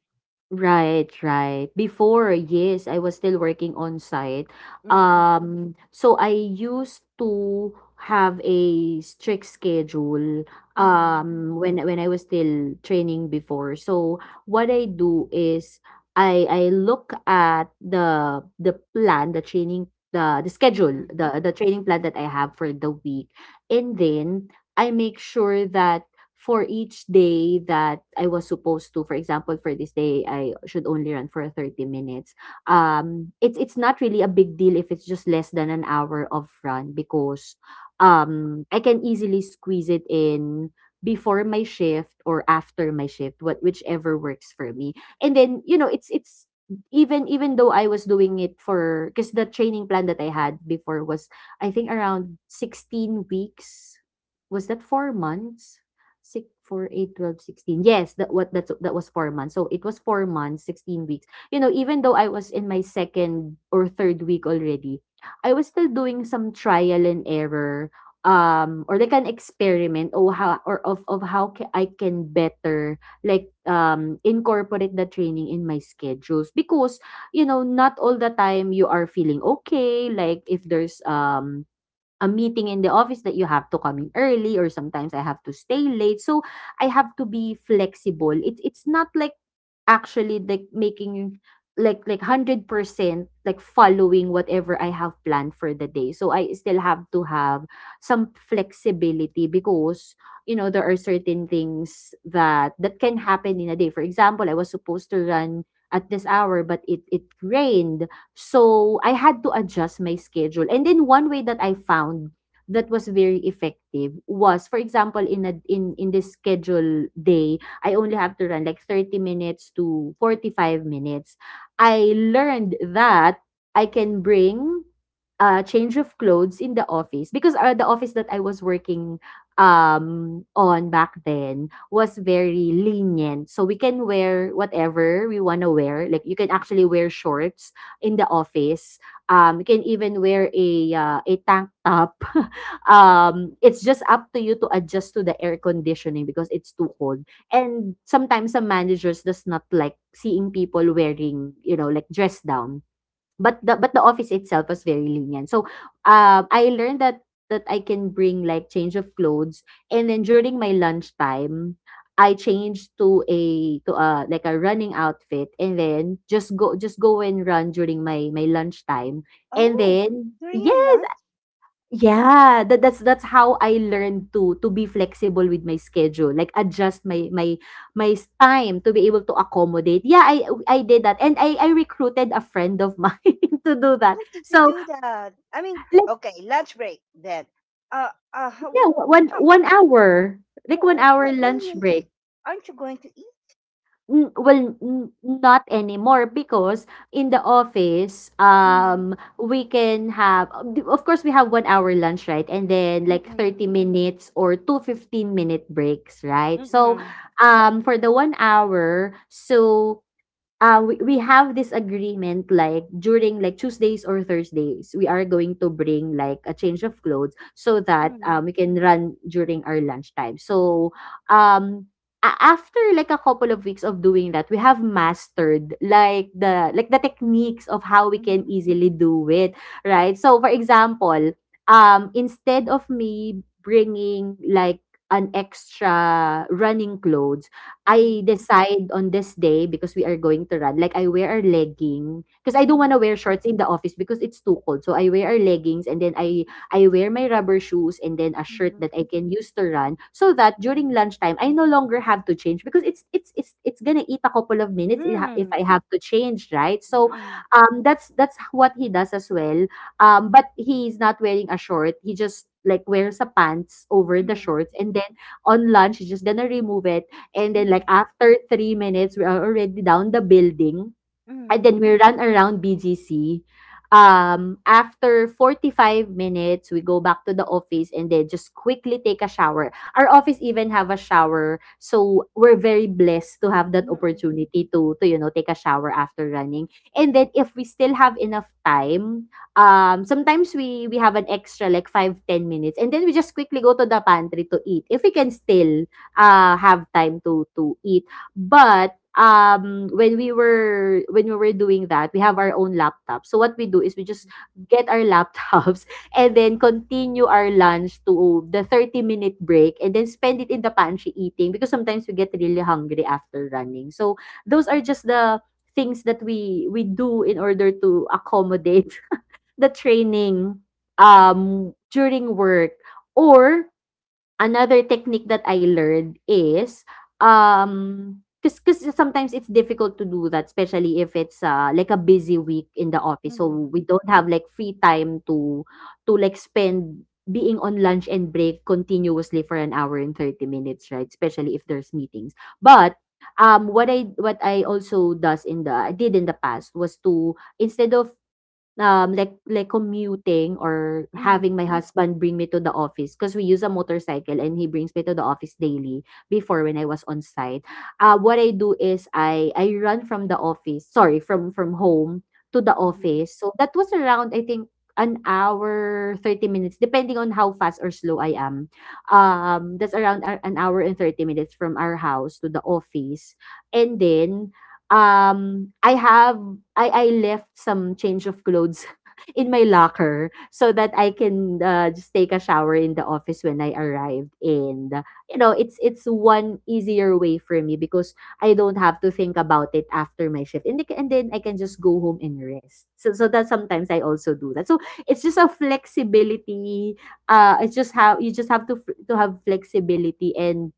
[SPEAKER 2] Right, right. Before, yes, I was still working on site.
[SPEAKER 1] Mm-mm,
[SPEAKER 2] So I used to have a strict schedule
[SPEAKER 1] mm-mm,
[SPEAKER 2] when I was still training before. So what I do is I look at the plan, the schedule,
[SPEAKER 1] mm-mm.
[SPEAKER 2] the training plan that I have for the week. And then I make sure that for each day that I was supposed to, for example, for this day, I should only run for 30 minutes. It's not really a big deal if it's just less than an hour of run because I can easily squeeze it in before my shift or after my shift, what whichever works for me. And then it's even though I was doing it for because the training plan that I had before was, I think, around 16 weeks. Was that 4 months? Six, four, eight, 12, 16. Yes, that what that's that was 4 months. So it was 4 months, 16 weeks. Even though I was in my second or third week already, I was still doing some trial and error or like an experiment or how or of how ca- I can better incorporate the training in my schedules because not all the time you are feeling okay, like if there's a meeting in the office that you have to come in early or sometimes I have to stay late. So I have to be flexible. It's not like actually like making like 100% like following whatever I have planned for the day. So I still have to have some flexibility because there are certain things that can happen in a day. For example, I was supposed to run at this hour, but it rained, so I had to adjust my schedule. And then one way that I found that was very effective was, for example, in a in in this schedule day, I only have to run like 30 minutes to 45 minutes. I learned that I can bring a change of clothes in the office because the office that I was working on back then was very lenient, so we can wear whatever we want to wear, like you can actually wear shorts in the office. You can even wear a tank top. It's just up to you to adjust to the air conditioning because it's too cold. And sometimes some managers does not like seeing people wearing, like dress down. But the office itself was very lenient. So, I learned that I can bring like change of clothes, and then during my lunchtime, I changed to a like a running outfit, and then just go and run during my lunchtime, and
[SPEAKER 1] Oh,
[SPEAKER 2] then
[SPEAKER 1] during your
[SPEAKER 2] yes.
[SPEAKER 1] lunch.
[SPEAKER 2] Yeah, that's how I learned to be flexible with my schedule, like adjust time to be able to accommodate. Yeah, I did that, and I recruited a friend of mine to do
[SPEAKER 1] How
[SPEAKER 2] that.
[SPEAKER 1] did you
[SPEAKER 2] So
[SPEAKER 1] do that? I mean,
[SPEAKER 2] like,
[SPEAKER 1] okay, lunch break then. Uh, uh, how,
[SPEAKER 2] yeah, one
[SPEAKER 1] how,
[SPEAKER 2] one hour, like one hour
[SPEAKER 1] what will
[SPEAKER 2] lunch
[SPEAKER 1] you eat?
[SPEAKER 2] break.
[SPEAKER 1] Aren't you going to eat?
[SPEAKER 2] Hmm, well, n not anymore because in the office,
[SPEAKER 1] Mm,
[SPEAKER 2] we can have of course, we have 1 hour lunch, right? And then like
[SPEAKER 1] mm-mm,
[SPEAKER 2] 30 minutes or two 15-minute breaks, right? So,
[SPEAKER 1] mm-mm,
[SPEAKER 2] for the 1 hour, so we have this agreement, like during like Tuesdays or Thursdays we are going to bring like a change of clothes so that
[SPEAKER 1] mm,
[SPEAKER 2] we can run during our lunchtime, so um after like a couple of weeks of doing that, we have mastered like the techniques of how we can
[SPEAKER 1] mm,
[SPEAKER 2] easily do it, right? So for example, instead of me bringing like an extra running clothes,
[SPEAKER 1] mm, mm,
[SPEAKER 2] I decide on this day because we are going to run, like I wear a legging because I don't
[SPEAKER 1] mm,
[SPEAKER 2] wanna wear shorts in the office because it's too cold. So I wear our leggings, and then I wear my rubber shoes and then a shirt
[SPEAKER 1] mm,
[SPEAKER 2] that I can use to run, so that during lunchtime I no longer have to change because it's gonna eat a couple of
[SPEAKER 1] mm,
[SPEAKER 2] minutes if I
[SPEAKER 1] mm,
[SPEAKER 2] have to change, right? So that's what he does as well. But he's not wearing a short. He just like wears a pants over
[SPEAKER 1] mm,
[SPEAKER 2] the
[SPEAKER 1] mm,
[SPEAKER 2] shorts, and then on lunch he's just gonna remove it. And then like
[SPEAKER 1] mm,
[SPEAKER 2] after 3 minutes, we are already down the building. And
[SPEAKER 1] mm,
[SPEAKER 2] then we run around BGC. After 45 minutes, we go back to the office and then just quickly take a shower. Our office even have a shower, so we're very blessed to have that opportunity to take a shower after running. And then if we still have enough time, sometimes we have an extra like 5-10 minutes, and then we just quickly go to the pantry to eat, if we can still have time to eat. But when we were doing that, we have our own laptop. So what we do is we just get our laptops and then continue our lunch to the 30-minute break and then spend it in the pantry eating because sometimes we get really hungry after running. So those are just the things that we do in order to accommodate the training during work. Or another technique that I learned is, 'cause sometimes it's difficult to do that, especially if it's, like a busy week in the office. So we don't have like free time to like spend being on lunch and break continuously for an hour and 30 minutes, right? Especially if there's meetings. But, what I also does in the I did in the past was to instead of like commuting or
[SPEAKER 1] mm,
[SPEAKER 2] having my husband bring me to the office because we use a motorcycle and he brings me to the office daily before, when I was on site. What I do is I run from the office, sorry, from home to the
[SPEAKER 1] mm,
[SPEAKER 2] office. So that was around, I think, an hour 30 minutes depending on how fast or slow I am. That's around an hour and 30 minutes from our house to the office. And then I have I left some change of clothes in my locker so that I can just take a shower in the office when I arrived, and it's one easier way for me because I don't have to think about it after my shift, and and then I can just go home and rest, so that sometimes I also do that, so it's just a flexibility. It's just how you just have to to have flexibility and,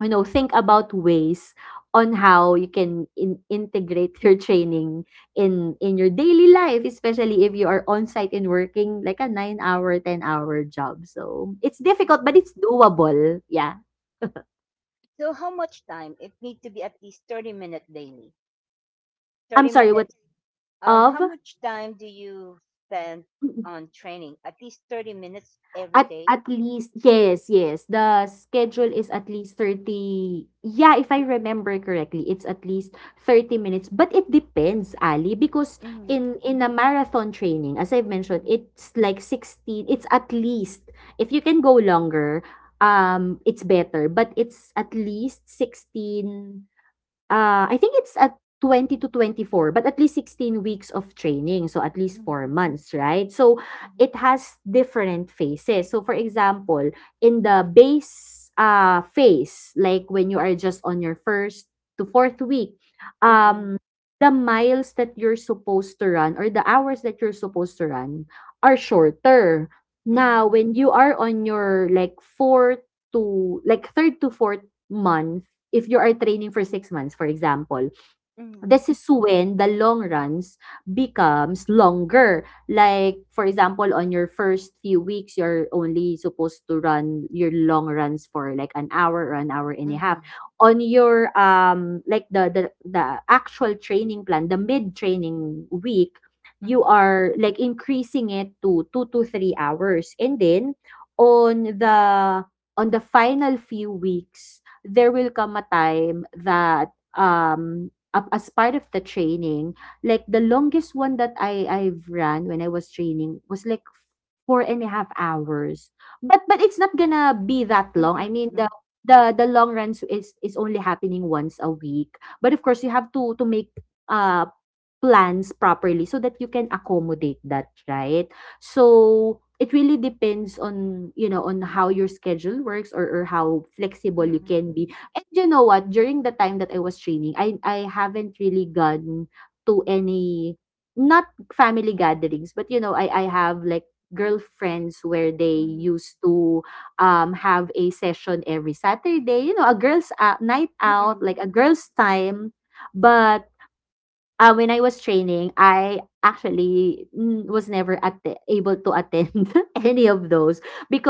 [SPEAKER 2] think about ways on how you can integrate your training in your daily life, especially if you are on site and working like a 9-hour, 10-hour job. So it's
[SPEAKER 1] mm.
[SPEAKER 2] difficult, but it's doable. Yeah.
[SPEAKER 1] So how much time? It need to be at least 30 minutes daily. 30
[SPEAKER 2] I'm sorry. What
[SPEAKER 1] minutes. How
[SPEAKER 2] of?
[SPEAKER 1] much time do you spend on training? At least 30 minutes every
[SPEAKER 2] At
[SPEAKER 1] day?
[SPEAKER 2] at least, yes, yes. The schedule is at least 30, yeah, if I remember correctly, it's at least 30 minutes. But it depends, Ali, because
[SPEAKER 1] Mm-hmm.
[SPEAKER 2] in a marathon training, as I've mentioned, it's like 16, it's at least. If you can go longer, it's better, but it's at least 16. I think it's at 20 to 24, but at least 16 weeks of training. So at least four
[SPEAKER 1] Mm-hmm.
[SPEAKER 2] months, right? So it has different phases. So for example, in the base phase, like when you are just on your first to fourth week,
[SPEAKER 1] Mm-hmm. Mm-hmm.
[SPEAKER 2] um, the miles that you're supposed to run or the hours that you're supposed to run are shorter. Now,
[SPEAKER 1] Mm-hmm.
[SPEAKER 2] when you are on your like fourth to like third to fourth month, if you are training for six months, for example,
[SPEAKER 1] Mm-hmm.
[SPEAKER 2] this is when the long runs becomes longer. Like, for example, on your first few weeks, you're only supposed to run your long runs for like an hour or an hour and a half.
[SPEAKER 1] Mm-hmm.
[SPEAKER 2] On your like the actual training plan, the mid training week, you are like increasing it to two to three hours. And then on the final few weeks, there will come a time that up as part of the training, like the longest one that I've ran when I was training was like four and a half hours. But it's not gonna be that long. I mean,
[SPEAKER 1] Mm-hmm.
[SPEAKER 2] the long runs is only happening once a week, but of course you have to make uh plans properly so that you can accommodate that, right? So it really depends on, you know, on how your schedule works, or how flexible you
[SPEAKER 1] Mm-hmm.
[SPEAKER 2] can be. And you know what, during the time that I was training, I haven't really gone to any, not family gatherings, but you know, I have like girlfriends where they used to have a session every Saturday, you know, a girls night out,
[SPEAKER 1] Mm-hmm.
[SPEAKER 2] like a girls time. But when I was training, I actually mm, was never at able to attend any of those,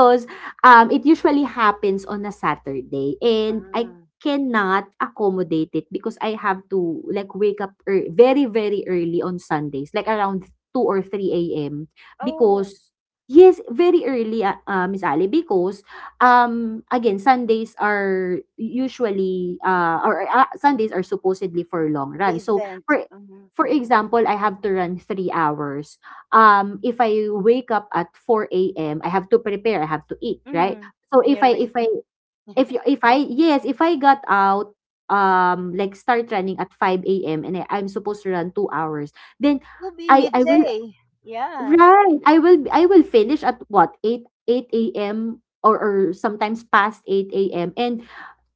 [SPEAKER 1] Oh.
[SPEAKER 2] it usually happens on a Saturday and I
[SPEAKER 1] Ah.
[SPEAKER 2] cannot accommodate it because I have to like very, very early on Sundays, like around 2 or 3 a.m.,
[SPEAKER 1] Oh,
[SPEAKER 2] because yes, very early, Miss Ali, because again Sundays are usually or Sundays are supposedly for long
[SPEAKER 1] the
[SPEAKER 2] run. So
[SPEAKER 1] event. Mm-hmm.
[SPEAKER 2] for example, I have to run three hours. If I wake up at four a.m., I have to prepare. I have to eat, right?
[SPEAKER 1] Mm-hmm.
[SPEAKER 2] So
[SPEAKER 1] And you're late.
[SPEAKER 2] if I, yes, if I got out, like start running at five a.m. and I'm supposed to run two hours, then
[SPEAKER 1] It'll be
[SPEAKER 2] I will,
[SPEAKER 1] midday. Yeah.
[SPEAKER 2] right. I will finish at what, eight a.m. Or sometimes past eight a.m., and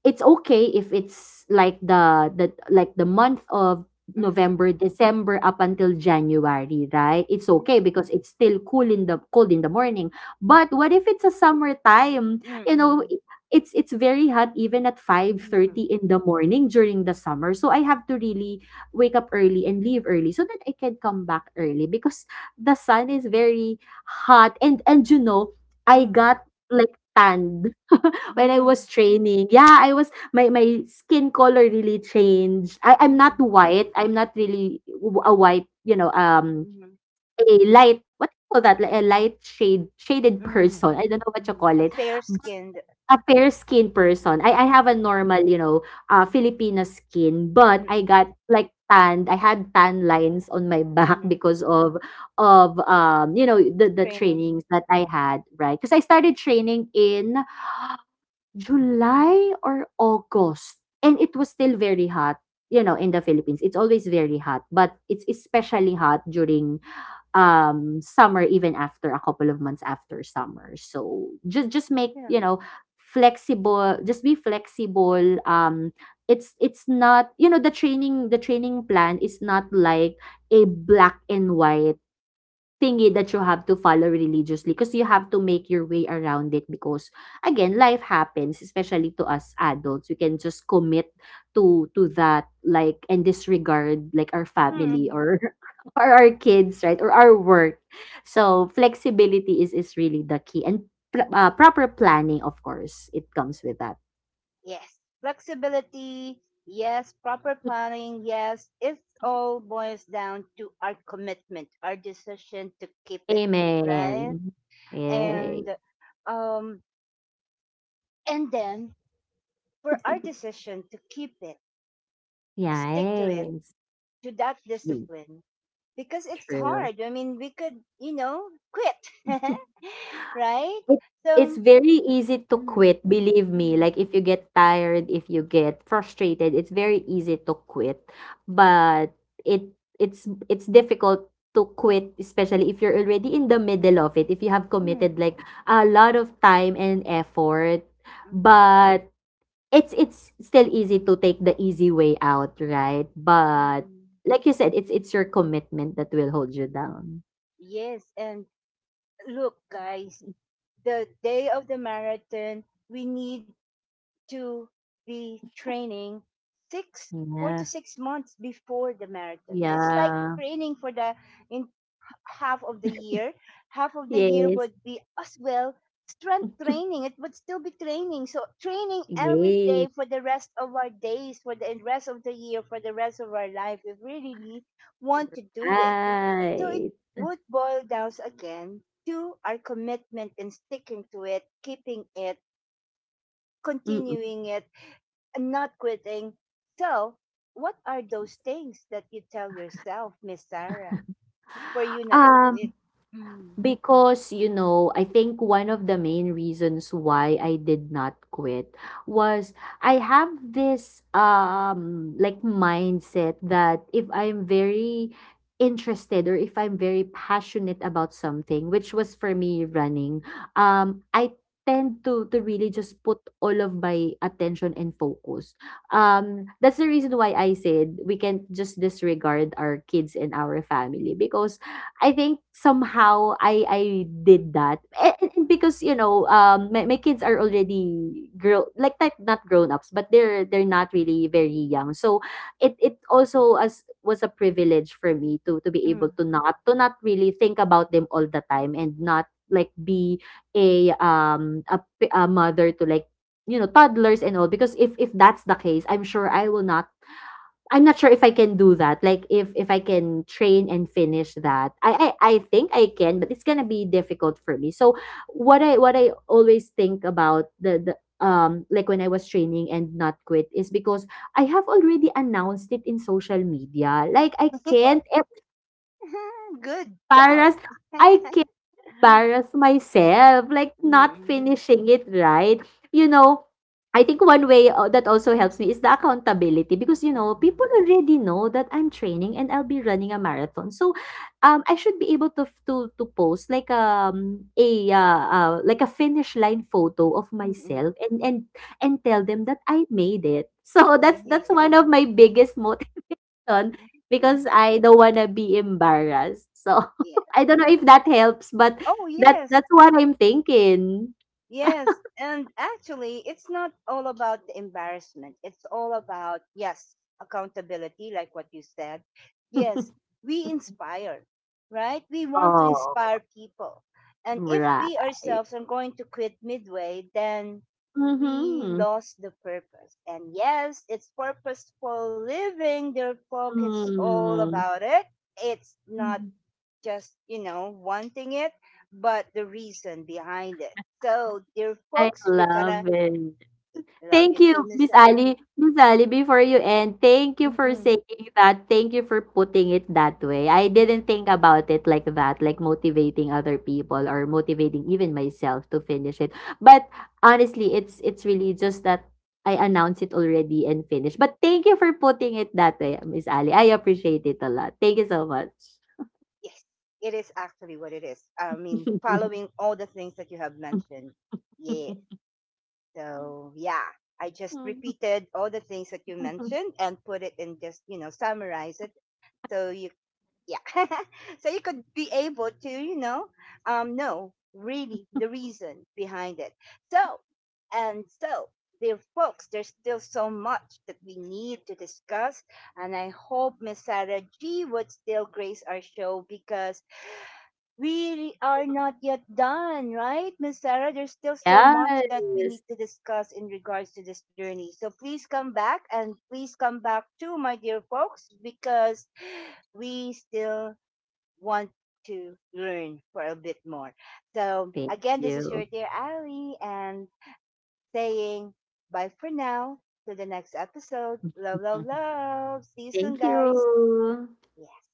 [SPEAKER 2] it's okay if it's like the month of
[SPEAKER 1] Mm-hmm.
[SPEAKER 2] November, December up until January, right? It's
[SPEAKER 1] Mm-hmm.
[SPEAKER 2] okay because it's still cool in the cold in the morning. But what if it's a summertime? You
[SPEAKER 1] Mm-hmm.
[SPEAKER 2] know, it's very hot even at
[SPEAKER 1] Mm-hmm.
[SPEAKER 2] 5:30 in the morning during the summer. So I have to really wake up early and leave early so that I can come back early because the sun is very hot. And you know, I got like tanned when I was
[SPEAKER 1] Mm-hmm.
[SPEAKER 2] training. Yeah, I was, my skin color really changed. I'm not
[SPEAKER 1] Mm-hmm.
[SPEAKER 2] white. I'm not really a white, you know, a light, what do you call that? Like a light shaded
[SPEAKER 1] Mm-hmm.
[SPEAKER 2] person. I don't know what you
[SPEAKER 1] Mm,
[SPEAKER 2] call
[SPEAKER 1] a
[SPEAKER 2] it.
[SPEAKER 1] fair
[SPEAKER 2] But
[SPEAKER 1] skinned
[SPEAKER 2] a fair skin person. I have a
[SPEAKER 1] mm,
[SPEAKER 2] normal, you know, Filipino skin, but I
[SPEAKER 1] mm-mm,
[SPEAKER 2] got like tanned. I had tan lines on my back
[SPEAKER 1] mm,
[SPEAKER 2] because of you know, the
[SPEAKER 1] training.
[SPEAKER 2] trainings that I had, right? Because I started training in July or August. And it was still very hot, you know, in the Philippines. It's always very hot, but it's especially hot during summer, even after a couple of months after summer. So just make,
[SPEAKER 1] Yeah.
[SPEAKER 2] you know, flexible, just be flexible. It's not you know, the training plan is not like a black and white thingy that you have to follow religiously, because you have to make your way around it. Because again, life happens, especially to us adults. We can just commit to that, like, and disregard like our family,
[SPEAKER 1] Mm-mm.
[SPEAKER 2] or or our kids, right, or our work. So flexibility is really the key, and proper planning, of course, it comes with that.
[SPEAKER 1] Yes. Flexibility. Yes. Proper planning. Yes. It all boils down to our commitment, our decision to keep it. Right.
[SPEAKER 2] Amen. Yay.
[SPEAKER 1] And, um, and then for our decision to keep it,
[SPEAKER 2] Yes,
[SPEAKER 1] stick to it,
[SPEAKER 2] yes.
[SPEAKER 1] to that
[SPEAKER 2] Mm,
[SPEAKER 1] discipline, because it's
[SPEAKER 2] true.
[SPEAKER 1] hard. I mean, we could, you know, quit. Right.
[SPEAKER 2] It it's
[SPEAKER 1] So,
[SPEAKER 2] very easy to
[SPEAKER 1] mm,
[SPEAKER 2] quit, believe me.
[SPEAKER 1] mm,
[SPEAKER 2] Like
[SPEAKER 1] mm,
[SPEAKER 2] if you get tired, if you get frustrated, it's very easy to quit. But it it's difficult to quit, especially if you're already in the middle of it, if you have
[SPEAKER 1] mm,
[SPEAKER 2] committed like a lot of time and effort.
[SPEAKER 1] mm,
[SPEAKER 2] But it's still easy to take the easy way out, right? But
[SPEAKER 1] mm.
[SPEAKER 2] like you said, it's your commitment that will hold you down.
[SPEAKER 1] Yes, and look, guys, the day of the marathon, we need to be training six, four to
[SPEAKER 2] Yeah.
[SPEAKER 1] six months before the marathon. So it's like
[SPEAKER 2] Yeah.
[SPEAKER 1] training for the half of the year. Half of the year
[SPEAKER 2] Yes.
[SPEAKER 1] would be as well strength training. It would still be training. So training every day
[SPEAKER 2] Yes.
[SPEAKER 1] for the rest of our days, for the rest of the year, for the rest of our life, if we really want to do it. So it
[SPEAKER 2] Right.
[SPEAKER 1] would boil down again to our commitment and sticking to it, keeping it,
[SPEAKER 2] Mm.
[SPEAKER 1] continuing it, and not quitting. So what are those things that you tell yourself, Miss Sarah, for you not to quit?
[SPEAKER 2] Um,
[SPEAKER 1] Mm,
[SPEAKER 2] Because, you know, I think one of the main reasons why I did not quit was I have this like mindset that if I'm very interested or if I'm very passionate about something, which was for me running, I tend to really just put all of my attention and focus. That's the reason why I said we can just disregard our kids and our family, because I think somehow I did that. And because you know, my kids are already grow like not not grown-ups, but they're not really very young. So it also as was a privilege for me to be able
[SPEAKER 1] mm.
[SPEAKER 2] to not, to not really think about them all the time, and not like be a, a mother to like, you know, toddlers and all, because if that's the case, I'm sure I will not, I'm not sure if I can do that. Like if I can train and finish that. I think I can, but it's gonna be difficult for me. So what I always think about, the like when I was training and not quit is because I have already announced it in social media. Like I can't
[SPEAKER 1] Good job.
[SPEAKER 2] embarrass, I embarrass myself, like not
[SPEAKER 1] Mm-mm,
[SPEAKER 2] finishing it, right. You know, I think one way that also helps me is the accountability, because you know
[SPEAKER 1] mm-mm,
[SPEAKER 2] people already know that I'm training and I'll be running a marathon. So I should be able to post like a like a finish line photo of
[SPEAKER 1] mm-mm.
[SPEAKER 2] myself and tell them that I made it. So
[SPEAKER 1] Yeah,
[SPEAKER 2] that's
[SPEAKER 1] yeah,
[SPEAKER 2] one of my biggest mo question because I don't wanna be embarrassed. So
[SPEAKER 1] yeah.
[SPEAKER 2] I don't know if that helps, but
[SPEAKER 1] Oh,
[SPEAKER 2] that
[SPEAKER 1] yes.
[SPEAKER 2] that's what I'm thinking.
[SPEAKER 1] Yes, and actually, it's not all about the embarrassment. It's all about, yes, accountability, like what you said. Yes, we inspire, right? We want to
[SPEAKER 2] Oh,
[SPEAKER 1] inspire people. And if we
[SPEAKER 2] right.
[SPEAKER 1] ourselves are going to quit midway, then we
[SPEAKER 2] Mhm.
[SPEAKER 1] lost the purpose. And yes, it's purposeful living, their folk, it's all
[SPEAKER 2] Mm.
[SPEAKER 1] about it. It's not just, you know, wanting it, but the reason behind it. So, dear
[SPEAKER 2] I
[SPEAKER 1] folks, we're
[SPEAKER 2] love
[SPEAKER 1] gonna
[SPEAKER 2] it.
[SPEAKER 1] love
[SPEAKER 2] Thank
[SPEAKER 1] you
[SPEAKER 2] you,
[SPEAKER 1] too, Miss
[SPEAKER 2] Miss
[SPEAKER 1] Sarah.
[SPEAKER 2] Ali. Miss Ali, before you end, thank you for
[SPEAKER 1] Mm-mm.
[SPEAKER 2] saying that. Thank you for putting it that way. I didn't think about it like that, like motivating other people or motivating even myself to finish it. But honestly, it's really just that I announced it already and finished. But thank you for putting it that way, Miss Ali. I appreciate it a lot. Thank you so much.
[SPEAKER 1] Yes, it is actually what it is. I mean, following all the things that you have mentioned. Yeah. So, yeah, I just repeated all the things that you mentioned and put it in just, you know, summarize it so you, yeah. So you could be able to, you know, know really the reason behind it. So, and so, dear folks, there's still so much that we need to discuss, and I hope Miss Sarah G would still grace our show because we are not yet done, right, Miss Sarah? There's still so much that we
[SPEAKER 2] Yes.
[SPEAKER 1] need to discuss in regards to this journey, so please come back, and please come back too, my dear folks, because we still want to learn for a bit more. So,
[SPEAKER 2] Thank
[SPEAKER 1] again, this is
[SPEAKER 2] you.
[SPEAKER 1] your dear Ali and saying bye for now to the next episode. Love, love, love. See you soon,
[SPEAKER 2] Thank
[SPEAKER 1] guys.
[SPEAKER 2] you.
[SPEAKER 1] Yeah.